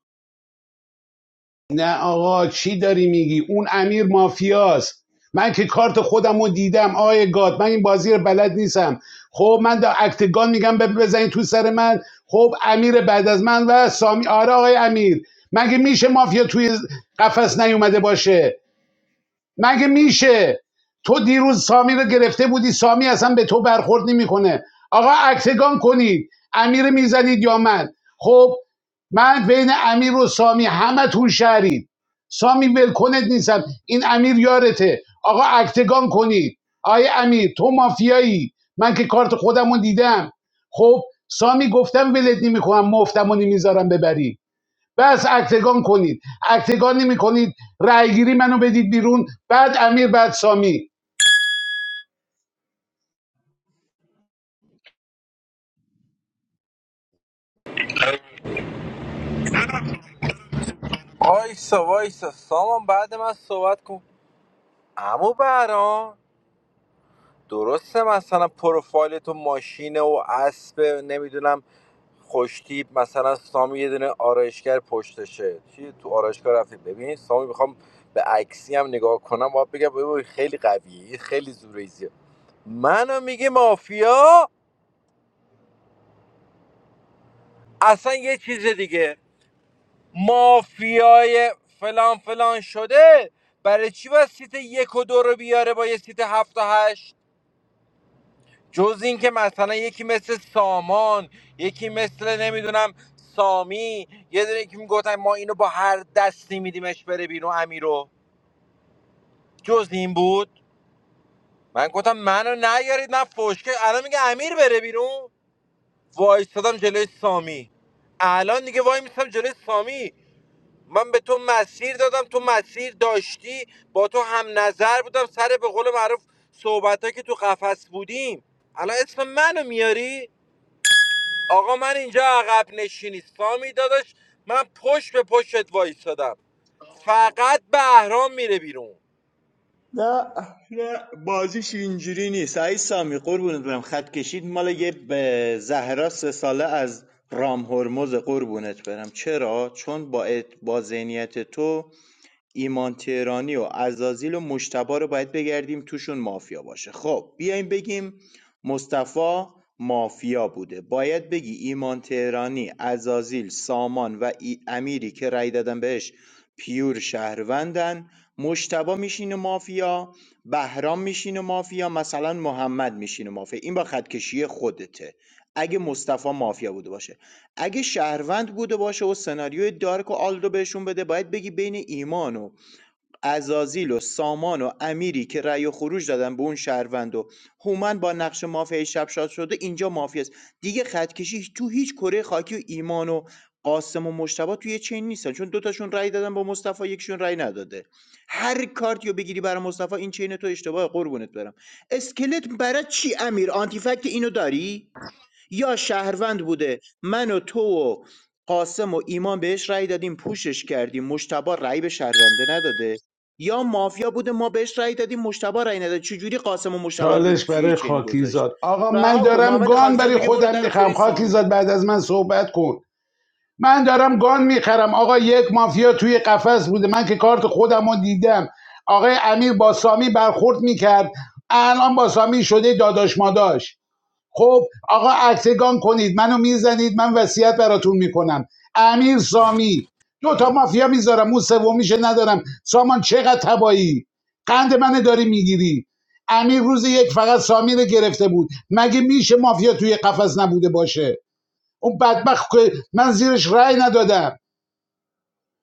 A: نه آقا چی داری میگی اون امیر مافیاست من که کارت خودم رو دیدم آی گاد من این بازی رو بلد نیستم خب من دا اکتگان میگم ب- بزنین تو سر من خب امیر بعد از من و سامی آره آقای امیر مگه میشه مافیا توی قفس نیومده باشه مگه میشه تو دیروز سامی رو گرفته بودی سامی اصلا به تو برخورد نمیکنه آقا اکتگان کنید امیر میزنید یا من خب من بین امیر و سامی همه تون شهرید سامی ولکنت نیستم این امیر یارته آقا اکتگان کنید آقای امیر تو مافیایی من که کارت خودم دیدم خب سامی گفتم ولت نمیکنم مفتم رو نمیذارم ببری بس اکتگان کنید اکتگان نمی کنید رأیگیری منو بدید بیرون بعد امیر بعد سامی
B: وایسا وایسا سامان بعد من صحبت کن امو برام درسته مثلا پروفایل تو ماشینه و اسب نمیدونم خوشتیپ مثلا سامی یه دونه آرایشگر پشتشه چی تو آرایشگاه رفتی ببین سامی میخوام به عکسی هم نگاه کنم باید بگم خیلی قویه خیلی زوریزیه منو میگه مافیا اصلا یه چیز دیگه مافیای فلان فلان شده برای چی باید سیت یک و دو رو بیاره با یه سیت هفت و هشت جز اینکه مثلا یکی مثل سامان یکی مثل نمیدونم سامی یه دونه که میگفتن ما اینو با هر دستی میدیمش بره بیرون امیرو جز این بود من گفتم منو نیارید نه فشکه الان میگه امیر بره بیرون وایستادم جلوی سامی الان دیگه وای میستم جلوی سامی من به تو مسیر دادم تو مسیر داشتی با تو هم نظر بودم سر به قول معروف صحبت ها که تو قفس بودیم الان اسم منو میاری آقا من اینجا عقب نشینی سامی داداش من پشت به پشتت وایستادم فقط بهرام میره بیرون
I: نه نه بازیش اینجوری نیست سعید سامی قربونت برم خط کشید مال یه به زهرا سه ساله از رام هرمز قربونت برم چرا چون با ات- با ذهنیت تو ایمان تهرانی و عزازیل و مجتبی رو باید بگردیم توشون مافیا باشه خب بیایم بگیم مصطفی مافیا بوده باید بگی ایمان تهرانی عزازیل سامان و ای امیری که رای دادن بهش پیور شهروندن مجتبی میشینه مافیا بهرام میشینه مافیا مثلا محمد میشینه مافیا این با خط کشی خودته اگه مصطفی مافیا بوده باشه اگه شهروند بوده باشه و سناریوی دارک و آلد رو بهشون بده باید بگی بین ایمان و ازازیل و سامان و امیری که رأی و خروج دادن به اون شهروند و هومن با نقش مافیای شب شاد شده اینجا مافیاست دیگه خطکشی تو هیچ کره خاکی و ایمان و قاسم و مشتبه توی چین نیستن چون دوتاشون رأی دادن با مصطفی یکشون رأی نداده هر کارتیو رو بگیری برای مصطفی این چین تو اشتباه قربونت برم اسکلت برای چی امیر آنتیفکت اینو داری یا شهروند بوده من و تو و قاسم و ایمان بهش رأی دادیم پوشش کردیم مشتبا رأی به شهرونده نداده یا مافیا بوده ما بهش رأی دادیم مشتبا رأی نداده چجوری قاسم و مشتبا رو
A: چالش
I: توی
A: برای
I: چین گذاشت
A: خاکیزاد آقا من
I: رها کن
A: دارم
I: محمد
A: گان
I: خاکزاد
A: برای
I: میگه برو
A: خودم
I: در خونه
A: میخرم
I: سامی
A: خاکیزاد بعد از من صحبت کن من دارم گان میخرم آقا یک مافیا توی قفس بوده من که کارت خودم رو دیدم آقای امیر با سامی برخورد میکرد الان با سامی شده داداش ماداش خب آقا اکتگان کنید منو میزنید من وصیت براتون میکنم امیر سامی دو تا مافیا میذارم اون سومیشه ندارم سامان چقدر تبایی قند منه داری میگیری امیر روز یک فقط سامی رو گرفته بود مگه میشه مافیا توی قفس نبوده باشه اون بدبخت که من زیرش رأی ندادم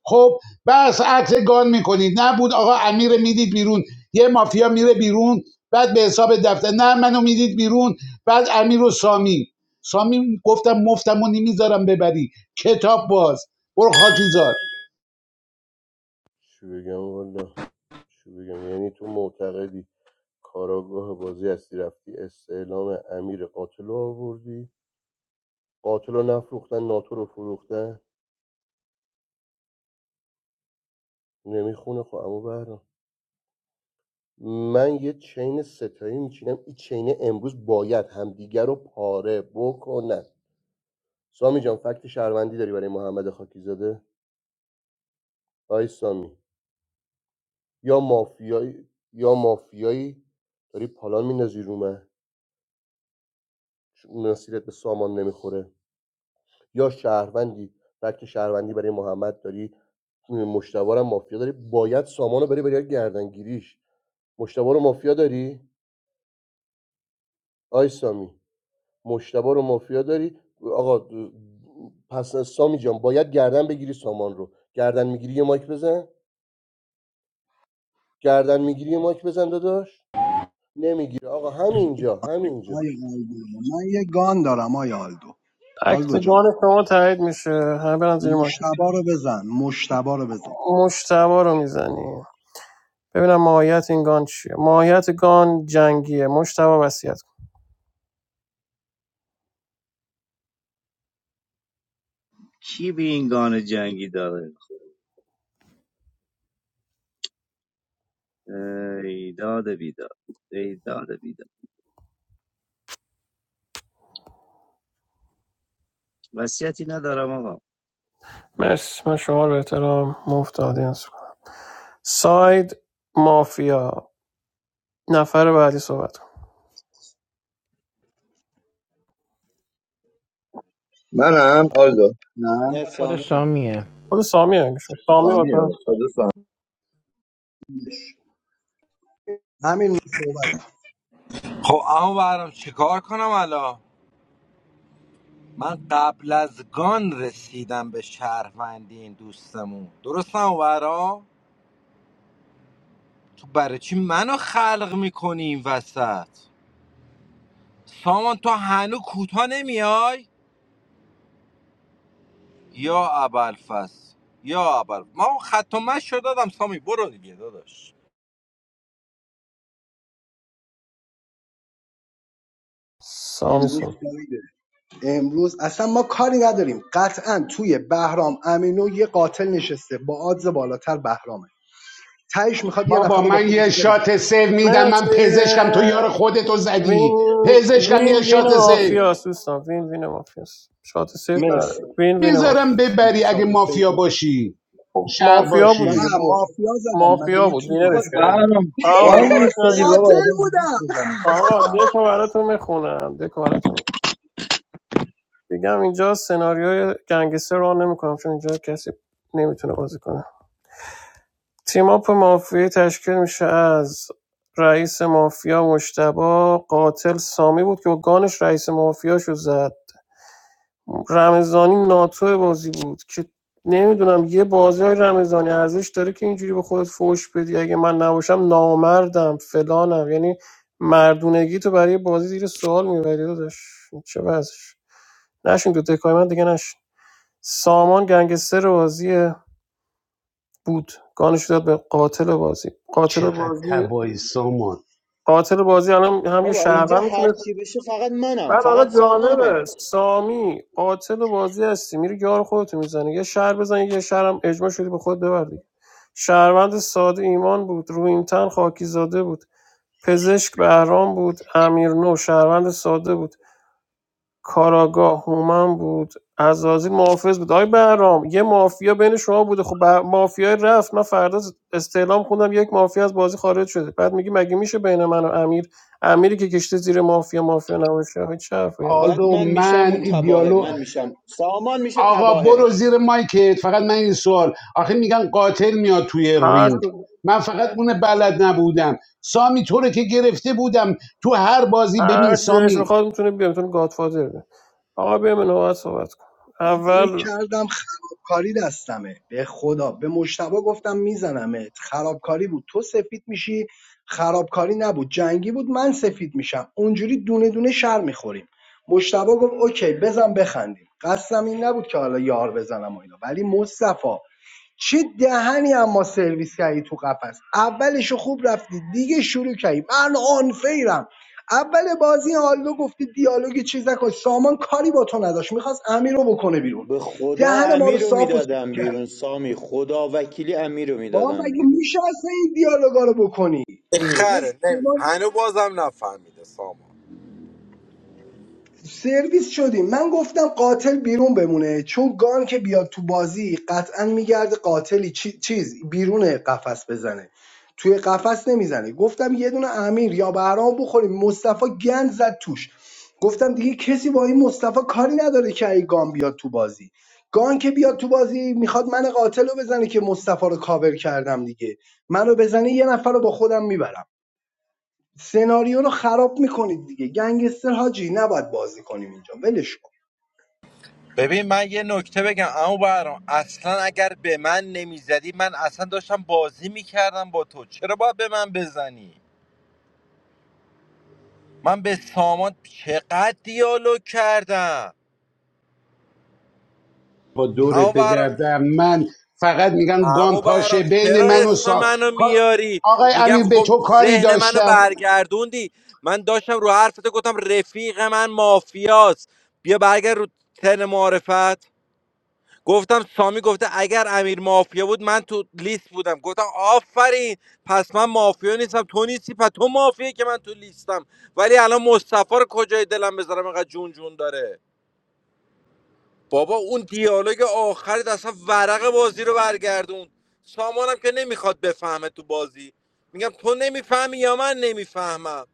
A: خب بس عطر گان میکنید نبود آقا امیر میدید بیرون یه مافیا میره بیرون بعد به حساب دفتر نه منو میدید بیرون بعد امیر و سامی سامی گفتم مفتم و نمیذارم ببری کتاب باز برو خاکی
N: چی بگم والا چی بگم یعنی تو معتقدی کاراگاه بازی هستی رفتی استعلام امیر قاتل رو آوردی قاتل رو نفروختن ناتو رو فروختن نمیخونه خب اما بهرام من یه چین ستایی میچینم این چین امروز باید همدیگر رو پاره بکنن سامی جان فکت شهروندی داری برای محمد خاکی زاده آی سامی یا مافیایی یا مافیایی داری پالان میندازی رو من چون مسیرت به سامان نمیخوره یا شهروندی فکت شهروندی برای محمد داری مشتبه رو مافیا داری باید سامانو بری برای گردنگیریش مشتبه رو مافیا داری آی سامی مشتبه رو مافیا داری آقا پس سامی جان باید گردن بگیری سامان رو گردن میگیری یه مایک بزن گردن میگیری یه مایک بزن داداش نمیگیره آقا همینجا همینجا
D: آیا آلدو من یه گان دارم آیا آلدو آلدو جان
F: اکتگان شما تایید میشه همه برن زیر مایک.
D: مشتبه رو بزن مشتبه رو بزن
F: مشتبه رو میزنی ببینم ماهیت این گان چیه ماهیت گان جنگیه مشتبه وصیت کن
L: کی به این گان جنگی داره ای داد بیداد ای داد بیداد وصیتی ندارم آقا
F: مرسی من شما رو به احترام مفت آدینس کنم ساید مافیا نفر بعدی صحبت کن
C: منم آلدو
I: نه
K: خود
I: سامی
K: سامیه
F: خود سامی همیشه سامی
C: سامیه
F: وطن
C: خدا
D: همین صحبت
B: خب اما برام چیکار کنم الان من قبل از گان رسیدم به شهروندی این دوستمون درستم برام تو برای چی منو خلق میکنی این وسط سامان تو هنو کوتا نمیای یا ابلفس یا ابل ما اون خط و مشی رو دادم سامی برو دیگه داداش
F: سامی
D: امروز
F: صحبت
D: امروز امروز اصلا ما کاری نداریم قطعا توی بهرام امینو یه قاتل نشسته با آدز بالاتر بهرامه تهش میخواد یه نفر
A: بابا
D: رو با
A: من یه
D: خودش
A: شات
D: ببره
A: سیو میدم من
F: مرسی
A: پزشکم تو یار خودتو
F: وین
A: زدی پزشکم یه
F: وین وین
A: شات سیو
F: مافیاست دوستان وین وین مافیاست شات سیف نره
D: مرسی
F: وین وین
A: میذارم
F: مافیاست
A: ببری اگه
D: شات سیف
A: مافیا باشی
F: خب
A: شهر
F: مافیا بود
A: باشی
F: دیگه
D: نه
F: بود
D: مافیا زدم مگه
F: مافیا بود
D: میتونی
F: وینرش
C: بابا
F: کردی
C: برام
F: آه رو
C: وای میستدی
F: مارک
C: بابا
D: قاتل
C: آدم حرف
D: بودم
C: بزنه دیگه.
F: آقا دکو براتون میخونم دکو براتون میگم اینجا سناریوی گنگستر رو نمیکنم چون اینجا کسی نمیتونه بازی کنه تیم اپ مافیا تشکیل میشه از رئیس مافیا مشتبا قاتل سامی بود که با گانش رئیس مافیا شد زد رمضانی ناتو بازی بود که نمیدونم یه بازی های رمضانی ارزش داره که اینجوری به خودت فوش بدی اگه من نباشم نامردم فلانم یعنی مردونگی تو برای بازی زیر سوال میبری داداش چه وضعش نشین تو دکای من دیگه نشین سامان گنگستر بازی بود گانش داد به قاتل بازی قاتل
A: چقدر
F: بازی
A: تبایی سامان
F: قاتل بازی الان هم یه
I: بابا اینجا
F: شهروند
I: هر
F: میتونه
I: چی بشه فقط منم فقط سامانه
F: سامی قاتل بازی هستی میری یار خودتو میزنی یه شهر بزن یه شهرم اجماع شدی به خود ببر دیگه شهروند ساده ایمان بود رویمتن خاکیزاده بود پزشک بهرام بود امیر نو شهروند ساده بود کاراگاه هومن بود عزازی محافظ بود آی بهرام یه مافیا بین شما بوده خب به- مافیای رفت من فردا استعلام خوندم یک مافیا از بازی خارج شده بعد میگی مگه میشه بین من و امیر امیری که کشته زیر مافیا مافیا نباشه هیچ حرفی
I: بعد
A: آلو
I: من میشم
A: من
I: اون
A: این
I: تباهه
A: دیالو
I: من میشم سامان میشه
A: آقا برو
I: تباهه
A: زیر مایکت فقط من این سوال آخه میگن قاتل میاد توی
F: هر
A: رینگ
F: تو
A: من فقط اون بلد نبودم سامی تو رو که گرفته بودم تو هر بازی ببین
F: هر چی دلش
A: سامی
F: بخواد میتونه بیام میتونه گادفادر بیام آقا بیا من نوبت صحبت کن
D: فکر
F: اول
D: کردم خرابکاری دستمه به خدا به مشتبا گفتم میزنمت خرابکاری بود تو سفید میشی خرابکاری نبود جنگی بود من سفید میشم اونجوری دونه دونه شر میخوریم مشتبا گفت اوکی بزن بخندیم قصدم این نبود که حالا یار بزنم و اینا ولی مصطفی چه دهنی اما سرویس کردی تو قفس اولش خوب رفتی دیگه شروع کردی من آنفیرم اول بازی آلدو گفتی دیالوگی چیز نکن سامان کاری با تو نداشت میخواست امیر رو بکنه بیرون
I: به خدا
D: دهن ما رو
I: امیر رو
D: صاف و سیک
I: میدادم بیرون
D: کردی
I: سامی خدا وکیلی امیر رو
D: با هم
I: میدادم
D: مگه
I: بیرون
D: میشه اصلا این دیالوگا رو بکنی اه، این
B: خره نمی
D: سامان
B: هنو بازم نفهمیده سامان
D: سرویس شدیم من گفتم قاتل بیرون بمونه چون گان که بیاد تو بازی قطعا میگرده قاتلی چی- چیز بیرون قفس بزنه توی قفس نمیزنه گفتم یه دونه امیر یا بهرام بخوریم مصطفی گند زد توش گفتم دیگه کسی با این مصطفی کاری نداره که ای گان بیاد تو بازی گان که بیاد تو بازی میخواد من قاتل رو بزنه که مصطفی رو کاور کردم دیگه منو بزنه یه نفر رو با خودم میبرم سناریو رو خراب میکنید دیگه گنگستر حاجی نباید بازی کنیم اینجا ولش کن
B: ببین من یه نکته بگم اما برام اصلا اگر به من نمیزدی من اصلا داشتم بازی میکردم با تو چرا باید به من بزنی من به سامان چقدر دیالوگ کردم
A: با دورت
B: اما برام
A: بگردم من فقط میگن
B: اما
A: گان
B: برام
A: پاشه بین
B: چرا
A: من و
B: اسم
A: سام
B: منو میاری
A: آقای
B: میگم
A: امیر به
B: خب
A: تو کاری
B: ذهن منو
A: داشتم
B: برگردوندی من داشتم رو حرفت گفتم رفیق من مافیاست بیا برگرد رو تن معرفت گفتم سامی گفته اگر امیر مافیا بود من تو لیست بودم گفتم آفرین پس من مافیا نیستم تو نیستی پس تو مافیایی که من تو لیستم ولی الان مصطفی رو کجای دلم بذارم اینقدر جون جون داره بابا اون دیالوگ آخرت اصلا ورق بازی رو برگردون سامانم که نمیخواد بفهمه تو بازی میگم تو نمیفهمی یا من نمیفهمم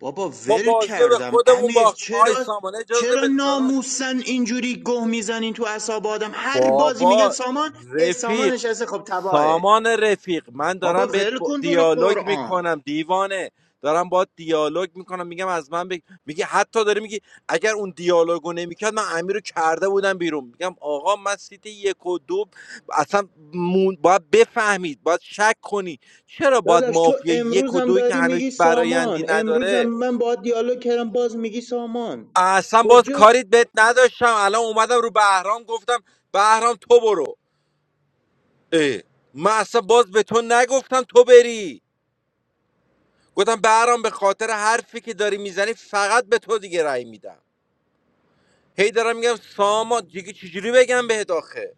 I: بابا
B: ما
I: ول
B: بازی رو به
I: کردم
B: خودمون
I: امیر
B: باختیم
I: چرا
B: آی سامان اجازه
I: چرا
B: بده داداش
I: ناموسن اینجوری گه میزنین تو اعصاب آدم هر بازی میگن
B: بابا
I: سامان اه، سامان
B: رفیق
I: نشسته خب تباهه
B: سامان رفیق من
I: بابا
B: دارم بهت
I: ول
B: با-
I: کن تو رو
B: دیالوگ
I: قرآن
B: میکنم دیوانه دارم با دیالوگ میکنم میگم از من بگ... میگه حتی داری میگی اگر اون دیالوگو نمیکرد من امیر رو کرده بودم بیرون میگم آقا من سیت یک و دو اصلا مون... باید بفهمید باید شک کنی چرا باید
I: داداش تو
B: مافیا یک و
I: امروزم
B: دوی که
I: داری
B: هنوز
I: میگی
B: هیچ برایندی
I: سامان امروزم
B: نداره
I: من با دیالوگ کردم باز میگی سامان
B: اصلا باز
I: کجا
B: کاریت بهت نداشتم الان اومدم رو بهرام گفتم بهرام تو برو اه. من اصلا باز به تو نگفتم تو بری گفتم برام به خاطر حرفی که داری میزنی فقط به تو دیگه رأی میدم هی دارم میگم سامان دیگه چجوری بگم بهت آخه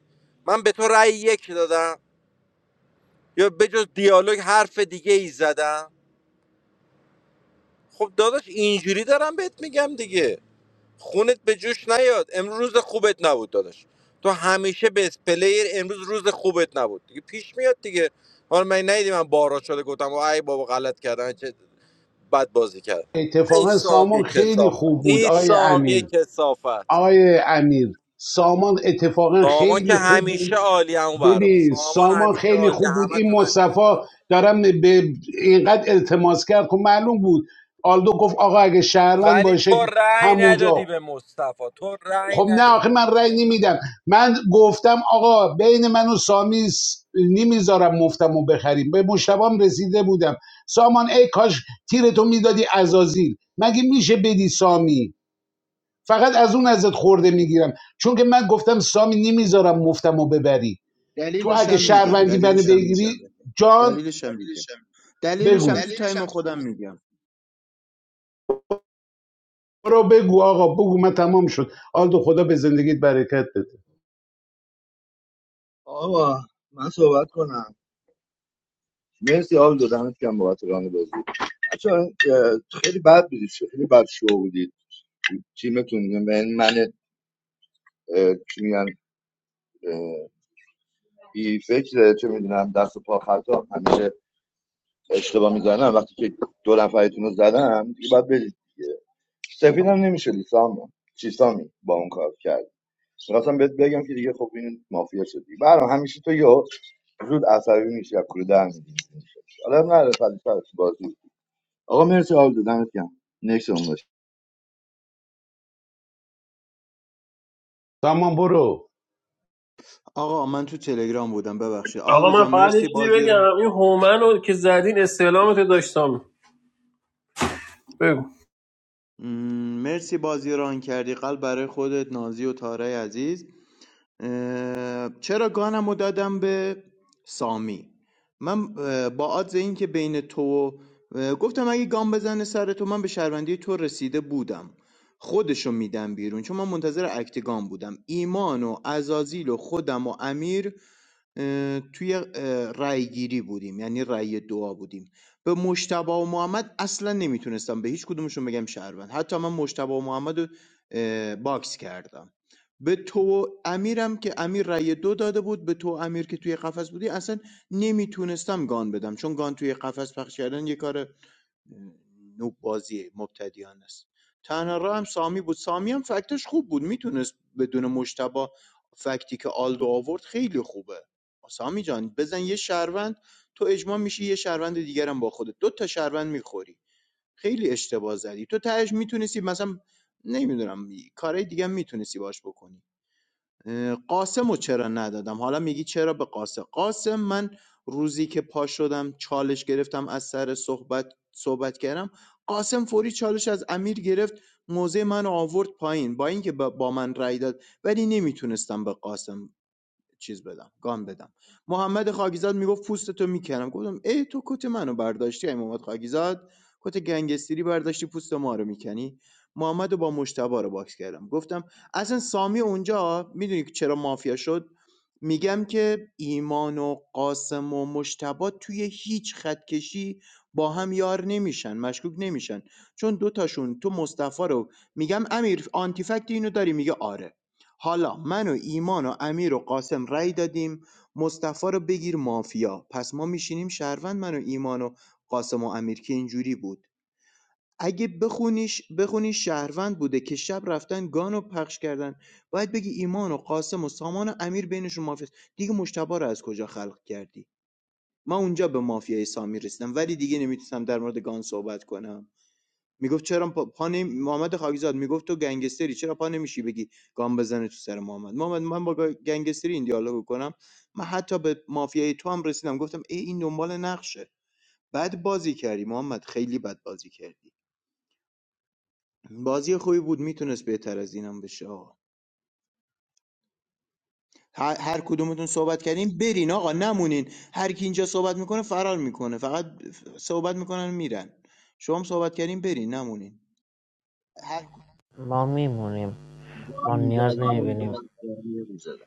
B: من به تو رأی یک دادم یا بجز دیالوگ حرف دیگه ای زدم خب داداش اینجوری دارم بهت میگم دیگه خونت به جوش نیاد امروز خوبت نبود داداش تو همیشه بیس پلیر امروز روز خوبت نبود دیگه پیش میاد دیگه حالا من ندیدی من بارا شده گفتم ای بابا غلط کردم چه بد بازی کرد ای
A: اتفاقا
B: سامی
A: سامان خیلی
B: کسافت
A: خوب بود
B: ای
A: آقای
B: سامی
A: امیر
B: کسافت
A: آقای امیر سامان اتفاقا
B: سامان که
A: خیلی خوب
B: همیشه
A: بود
B: عالی همون برام
A: ببین
B: سامان
A: سامان
B: همیشه
A: خیلی
B: عالی
A: خوب بود
B: همتون
A: این
B: همیشه
A: مصطفی
B: عالی
A: دارم به اینقدر التماس کرد خب معلوم بود آلدو گفت آقا اگه شهروند
B: ولی تو
A: باشه
B: رأی ندادی
A: همونجا
B: به مصطفی تو رأی
A: خب نه
B: ندادی
A: آخه من رأی نمیدم من گفتم آقا بین من و سامی س- نمیذارم مفتمو بخریم به مشتبام رسیده بودم سامان ای کاش تیرتو میدادی ازازیل مگه میشه بدی سامی فقط از اون ازت خورده میگیرم چون که من گفتم سامی نمیذارم مفتمو ببری تو
I: دلیلش
A: اگه
I: هم میگم
A: شهروندی منو
I: دلیلش هم
A: بگیری
I: میگم
A: جان
I: دلیلش هم میگم دلیلش
A: بگو
I: هم تو تایم خودم میگم
A: برو بگو آقا بگو من تمام شد آلدو خدا به زندگیت برکت بده
C: آقا من صحبت کنم مرسی آل دو دمت کم بابت ران بازی بچه ها، خیلی بد بودید خیلی بد شو بودید تیمتون من من اه، چی میگن اه، بی فکر چه میدونم دست و پا خطا همیشه اشتباه میزنم وقتی که دو نفرتون رو زدم دیگه باید برید دیگه سفید هم نمیشدی سامی چی سامی با اون کار میخواستم بهت بگم که دیگه خب این مافیا شدی برام همیشه تو یا زود عصبی میشی از کوره در می‌ری. حالا نه فلسفه تو بازی آقا مرسی حال دادمت گرم نکس اون باش.
A: تمام برو
I: آقا من تو تلگرام بودم ببخشید
F: آقا
I: آلدو
F: من
I: جان
F: فقط یه
I: مرسی
F: چیزی
I: بازی رو
F: بگم این هومن رو که زدین استعلامت رو داشتم بگو
I: مرسی بازی ران کردی قلب برای خودت، نازی و تارای عزیز چرا گانم رو دادم به سامی من اه، با عادز این که بین تو گفتم اگه گام بزنه سر تو من به شهروندی تو رسیده بودم خودشو میدم بیرون چون من منتظر اکت گام بودم ایمان و ازازیل و خودم و امیر اه، توی اه، رأی گیری بودیم یعنی رأی دعا بودیم به مشتبه و محمد اصلا نمیتونستم به هیچ کدومشون بگم شهروند حتی من مشتبه و محمد رو اه، باکس کردم به تو و امیرم که امیر رأی دو داده بود به تو و امیر که توی قفس بودی اصلا نمیتونستم گان بدم چون گان توی قفس پخش کردن یه کار اه، نوب بازی مبتدیان است تنها راه هم سامی بود سامی هم فکتش خوب بود میتونست بدون مشتبه فکتی که آلدو آورد خیلی خوبه سامی جان بزن یه شهروند تو اجماع میشی یه شهروند دیگرم با خودت دو تا شهروند میخوری خیلی اشتباه زدی تو تهش میتونستی مثلا نمیدونم کارهای دیگه میتونستی باش بکنی قاسم رو چرا ندادم حالا میگی چرا به قاسم قاسم من روزی که پا شدم چالش گرفتم از سر صحبت صحبت کردم قاسم فوری چالش از امیر گرفت موزه من رو آورد پایین با اینکه با با من رأی داد ولی نمیتونستم به قاسم چیز بدم گام بدم محمد خاکیزاد میگفت پوستتو میکنم گفتم ای تو کت منو برداشتی ای محمد خاکیزاد کت گنگستری برداشتی پوست ما رو میکنی محمد با مشتبا رو باکس کردم گفتم اصلا سامی اونجا میدونی که چرا مافیا شد میگم که ایمان و قاسم و مشتبا توی هیچ خط کشی با هم یار نمیشن مشکوک نمیشن چون دوتاشون تو مصطفی رو میگم امیر آنتیفکت اینو داری میگه آره حالا من و ایمان و امیر و قاسم رای دادیم مصطفی رو بگیر مافیا پس ما میشینیم شهروند من و ایمان و قاسم و امیر که اینجوری بود اگه بخونیش بخونی شهروند بوده که شب رفتن گانو پخش کردن باید بگی ایمان و قاسم و سامان و امیر بینشون مافیا دیگه مشتبه رو از کجا خلق کردی من اونجا به مافیای سامی رسیدم ولی دیگه نمیتونم در مورد گان صحبت کنم میگفت چرا پا, پا نمی... محمد خاکزاد میگفت تو گنگستری چرا پا نمیشی بگی گام بزنه تو سر محمد محمد من با گا- گنگستری این دیالوگو کنم من حتی به مافیای تو هم رسیدم گفتم ای این دنبال نقشه بد بازی کردی محمد خیلی بد بازی کردی بازی خوبی بود میتونست بهتر از اینم بشه آقا هر هر کدومتون صحبت کردین برین آقا نمونین هر کی اینجا صحبت میکنه فرار میکنه فقط صحبت میکنن میرن شما هم صحبت کردین برین نمونین
K: هر ما میمونیم
L: گان
K: ما نیاز
L: می‌زدی
K: کدوم
L: دست
K: نمیبینیم می‌کنه.
L: من گان می‌زدی.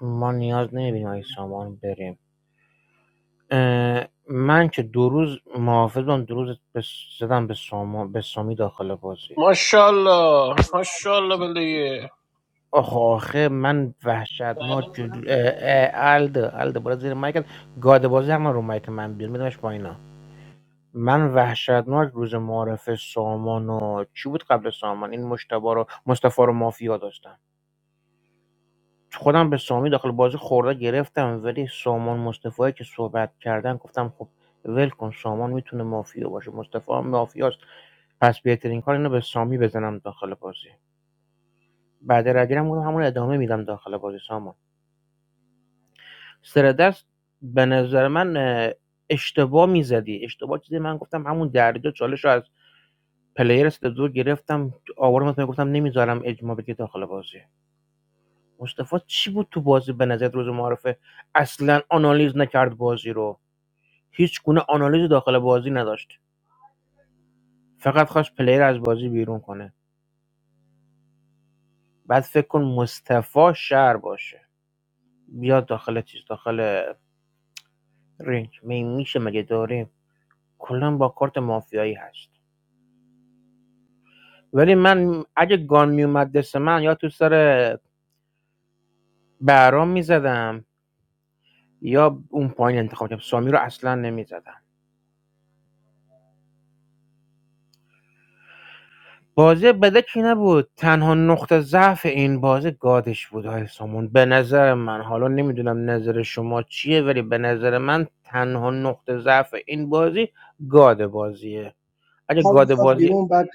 K: ما نیاز نمیبینیم اگه سامان بریم من که دو روز محافظم دو روز به- زدم به ساما به سامی داخل بازی
F: ماشاءالله ماشاءالله بله
K: آخه آخه من وحشتناک جل... اه، اه، الده الده برو زیر مایکت گاده بازی هم رو مایک من بیار میدمش پایینا من وحشتناک روز معارف سامان و چی بود قبل سامان این مشتبه رو مصطفی رو مافیا داشتم خودم به سامی داخل بازی خورده گرفتم ولی سامان مصطفی که صحبت کردن گفتم خب ول کن سامان میتونه مافیا باشه مصطفی هم مافیاست پس بهترین کار اینه به سامی بزنم داخل بازی بعد رگیرم گفتم همون ادامه میدم داخل بازی سامان سر دست به نظر من اشتباه میزدی اشتباه چیزی من گفتم همون دریدو چالش رو از پلیر سه دو گرفتم آوارم از پای گفتم نمیذارم اجماع بگی داخل بازی مصطفی چی بود تو بازی به نظر روز معرفه اصلا آنالیز نکرد بازی رو هیچ گونه آنالیز داخل بازی نداشت فقط خواست پلیر از بازی بیرون کنه بعد فکر کن مصطفی شهر باشه بیاد داخل چیز داخل رنج می میشه مگه داره کلا با کارت مافیایی هست ولی من اگه گان میومد دست من یا تو سر بهرام میزدم یا اون پایین انتخاب کردم سامی رو اصلا نمیزدم بازی بدکی نبود تنها نقطه ضعف این بازی گادش بود های سامون به نظر من حالا نمیدونم نظر شما چیه ولی به نظر من تنها نقطه ضعف این بازی گاد بازیه اگه
D: هر
K: گاد
D: بیاد
K: بازی
D: بیرون بعد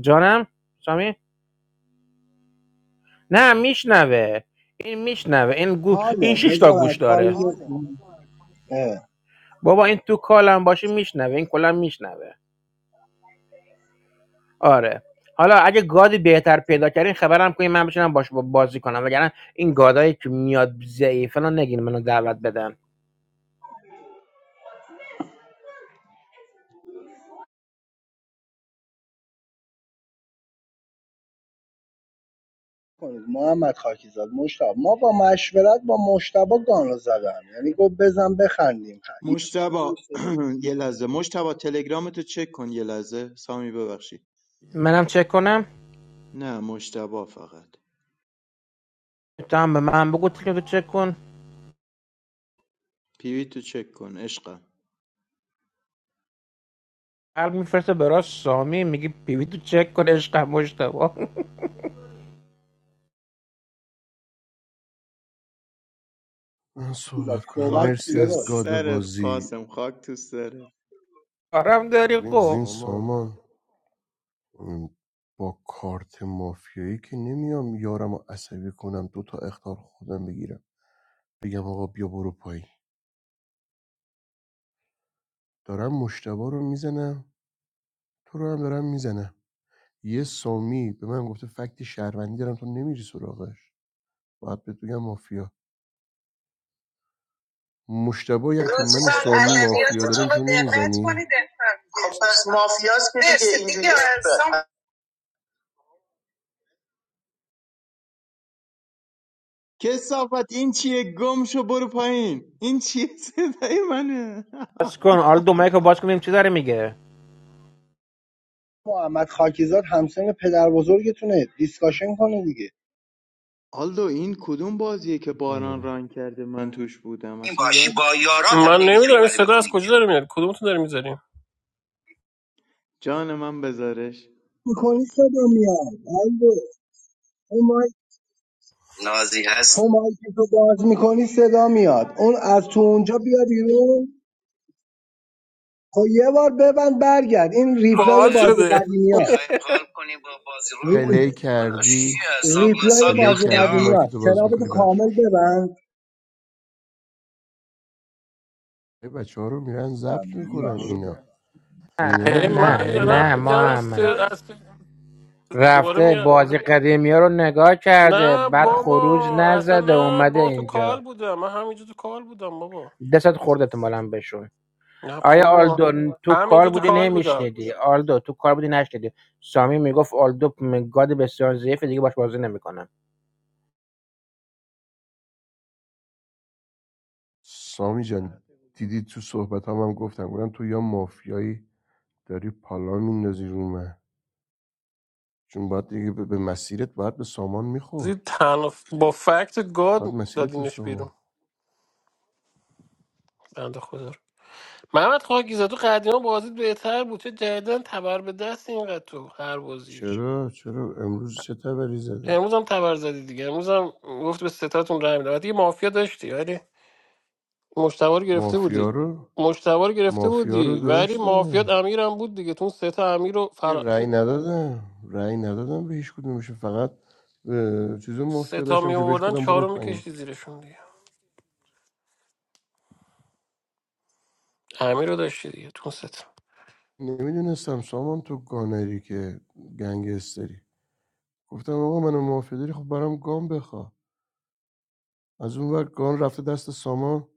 K: جانم سامی نه میشنوه این میشنوه این گو... این
D: حاله
K: شش تا
D: بذار از
K: گوش
D: کار
K: داره حاله
D: یه- اه.
K: بابا این تو کالم باشه میشنوه این کلا میشنوه آره حالا اگه گادی بهتر پیدا کردین خبرم کنین من بشینم باش بازی کنم وگرنه این گادایی که میاد ضعیفه رو نگین منو دعوت بدن
D: کنید محمد خاکیزاد مشتاق ما با مشورت با مشتبا گانو زدم یعنی گفت بزن بخندیم یه
I: مشتبا
D: سفید
I: یه لحظه مشتبا تلگرامتو چک کن یه لحظه سامی ببخشید
K: منم چک کنم
I: نه مشتبا فقط
K: تو هم به من بگو تیکه تو چک کن
I: پیوی تو چک کن عشقم
K: قلب میفرسته برای سامی میگی پیوی تو چک کن عشقم مشتبا
N: من
D: خاکیزاد
N: صحبت کنم
D: صحبت
I: خاک
D: کن
N: مرسی
I: تو
N: از
D: داداش
N: گاد
I: سرت
N: بازی
I: قاسم خاک تو سرت
K: کارم داری ببین خب
N: ببین
K: سام
N: سامان ام، با کارت مافیایی که نمیام یارم رو عصبی کنم دو تا اختار خودم بگیرم بگم آقا بیا برو پایین دارم مشتبا رو میزنم تو رو هم دارم میزنم یه سامی به من گفته فکت شهروندی دارم تو نمیری سراغش باید بهت بگم مافیا مشتبایی هم که من و
F: لطفا
N: سامی مافیا داریم
F: ادبیاتتون رو
N: تو
F: دقت
N: نمیزنی
F: کنید خب پس مافیاس که دیگه اینجوری
I: کسافت این چیه گم شو برو پایین این چیه صدای منه
K: باز کن حالا دو مایک باز کنیم چی داره میگه
D: محمد خاکیزاد همسن پدر بزرگتونه دیسکاشن کنه دیگه
I: آلدو این کدوم بازیه که باران
N: نداره.
I: ران کرده من توش بودم
F: این
I: اصلا
F: باشی
I: یاد
F: با یاران من هم نمیدونم این ولی با صدا از کجا داره میاد کدومتون داره میذاری
I: جان من بذارش
D: میکنی صدا میاد الو، ما
F: نازی
D: تو
F: هست
D: مایک تو باز میکنی صدا میاد اون از تو اونجا بیا بیرون خب یه بار ببند برگرد این ریپلای
F: باحال
D: بازی
F: شده
D: قدیمی
F: میخوایم
D: هست
F: حال کنیم با بازی رو
D: ری-
F: همون
N: پلی
F: داداش
N: کردی
F: حساب
D: ریپلای
F: مساب
N: پلی
D: بازی
N: کردی
F: یختی
D: قدیمی
F: ها
D: هست تو کامل ببند
N: بچه ها رو میرن ضبط میکنن اینا
K: نه
N: اینا
K: نه نه
F: هی
N: دیگه
F: من
K: نه دیگه یعنی
F: دارم
N: کیه
F: میگم این
K: محمد
F: سر- از دوباره
K: رفته
F: میاد
K: بازی قدیمی ها رو نگاه کرده
F: نه
K: بعد خروج
F: بابا اصلا
K: نزده
F: نه
K: اومده
F: بابا تو کال
K: اینجا
F: بودم من همینجا تو کال بودم بابا
K: دستت خورد احتمالا بشون
F: نه
K: آیا
F: بابا
K: آلدو تو کار
F: همینجا تو
K: بودی
F: کال بودم
K: نمیشنیدی آلدو تو کار بودی نشنیدی سامی میگفت آلدو گاد بسیار ضعیفه دیگه باش بازی نمیکنم
N: سامی جان دیدی تو صحبت هم, هم گفتم گفتم تو یا مافیایی داری پالا میندازی رو من چون باید دیگه به مسیرت باید به سامان
F: زی
N: میخورد
F: تنها ف- با فکت گاد
N: باید مسیرت به
F: دادینش
N: سامان
F: بیرون بنده خدا رو محمد خاکیزه تو قدیما بازیت بهتر بود چه جدیدن تبر به دست اینقدر تو هر بازی
N: چرا چرا امروز چه تبری زده
F: امروز هم تبر زدی دیگه امروز هم گفت به ستاتون رای میدم دیگه مافیا داشتی ولی مشتبه رو گرفته
N: مافیا
F: بودی
N: رو
F: مشتبه رو گرفته
N: مافیا رو
F: بودی ولی مافیات
N: داشتم
F: امیرم بود دیگه تو اون سه تا امیر رو
N: یه
F: فرا...
N: رأی
F: چی-
N: ندادم رأی ندادم به هیچ کدومش فقط اه، چیز
F: سه
N: مافیا
F: تا
N: داشتم
F: می
N: که بهش
F: آوردن
N: کدم
F: چهار
N: برو
F: رو
N: پایین
F: میکشتی زیرشون دیگه امیر رو داشتی دیگه تو اون سه تا
N: نمیدونستم سامان تو گانری که گنگستری گفتم آقا منو مافیا داری خب برام گام بخواه از اون ور گان رفته دست سامان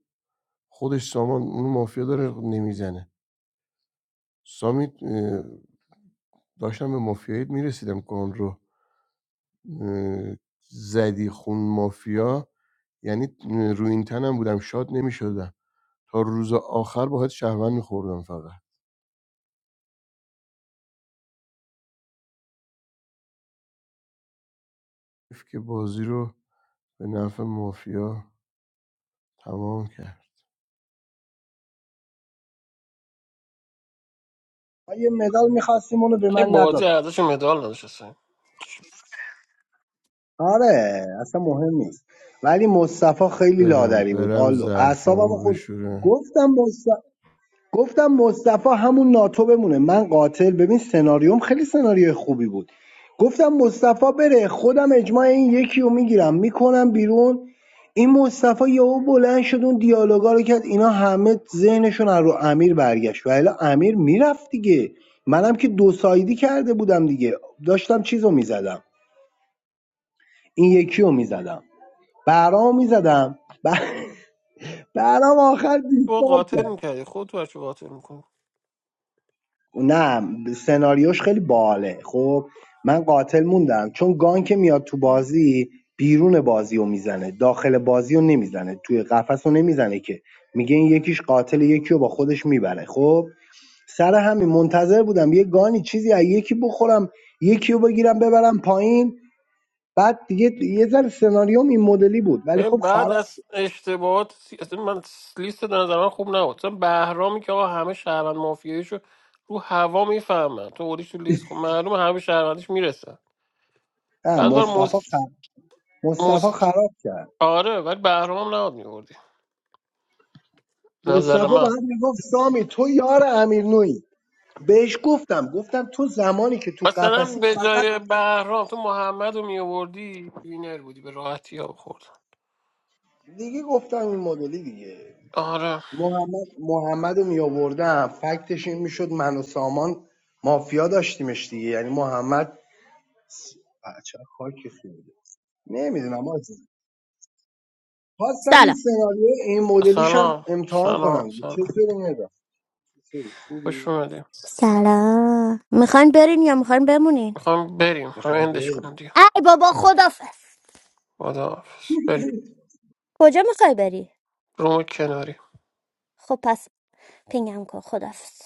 N: خودش سامان اون مافیا داره نمیزنه سامی اه، داشتم به مافیایت میرسیدم گان رو اه، زدی خون مافیا یعنی اه، رو این تنم بودم شاد نمیشدم تا روز آخر باید شهروند میخوردم فقط حیف که بازی رو به نفع مافیا تمام کرد
D: ما یه مدال میخواستیم اونو به
F: این
D: من
F: بازی
D: ندادن
F: ارزش مدال نداشت اصلا.
D: آره اصلا مهم نیست ولی مصطفی خیلی
N: برم
D: لادری بود
N: برم
D: آلو اعصابم
N: ظرفامو
D: خود
N: بشورم
D: گفتم مصطفی گفتم مصطفی همون ناتو بمونه من قاتل ببین سناریوم خیلی سناریوی خوبی بود گفتم مصطفی بره خودم اجماع این یکی رو میگیرم میکنم بیرون این مصطفی یهو بلند شد اون دیالوگا رو کرد اینا همه ذهنشون رو امیر برگشت و الا امیر میرفت دیگه منم که دو سایدی کرده بودم دیگه داشتم چیزو میزدم این یکی رو میزدم برام میزدم برام آخر
F: تو
D: دیسکارد کرد
F: قاتل میکردی خود تو بچه قاتل
D: نه سناریوش خیلی باله خب من قاتل موندم چون گان که میاد تو بازی بیرون بازی رو میزنه داخل بازی رو نمیزنه توی قفس رو نمیزنه که میگه این یکیش قاتل یکی رو با خودش میبره خب سر همین منتظر بودم یه گانی چیزی از یکی بخورم یکی رو بگیرم ببرم پایین بعد دیگه یه ذره سناریوم این مدلی بود ولی خب
F: ببین، بعد
D: خراب
F: از اشتباهات سی- اصلا من لیست در نظر من خوب نبود مثلا بهرامی که آقا همه شهروند مافیاییشو رو هوا میفهمن تو اولیش تو لیست خب معلومه همه شهروندیش میرسن
D: نه
F: بعد بار
D: مصطفی
F: مس...
D: خراب مصطفی
F: مس...
D: خراب کرد
F: آره ولی بهرام هم نباید میوردی نظر
D: مصطفی
F: من
D: باید میگفت سامی تو یار امیر نویی. بهش گفتم گفتم تو زمانی که تو
F: مثلا
D: قفسی
F: به
D: فقط
F: جای بهرام تو محمد رو میوردی وینر بودی به راحتی ها خورد
D: دیگه گفتم این مدلی دیگه
F: آره
D: محمد محمد رو می آوردم فکتش این میشد من و سامان مافیا داشتیمش دیگه یعنی محمد بچه خاکی خورده نمیدونم آجی خواستم این
P: سلام
D: سناریو این مدلیش هم
F: سلام
D: امتحان
F: سلام
D: کنم دیگه. چه
F: سلام
D: سری ندارم. چه سری؟
F: خوش
D: خوبی
F: اومدیم
P: سلام میخواین برین یا میخواین بمونین
F: میخوام بریم میخوام
D: میخوام
F: اندش
D: بریم
F: کنم دیگه
P: ای بابا خدافز
F: خداحافظ بریم
P: کجا میخوای بری
F: روم کناری
P: خب پس پینگم کن خدافز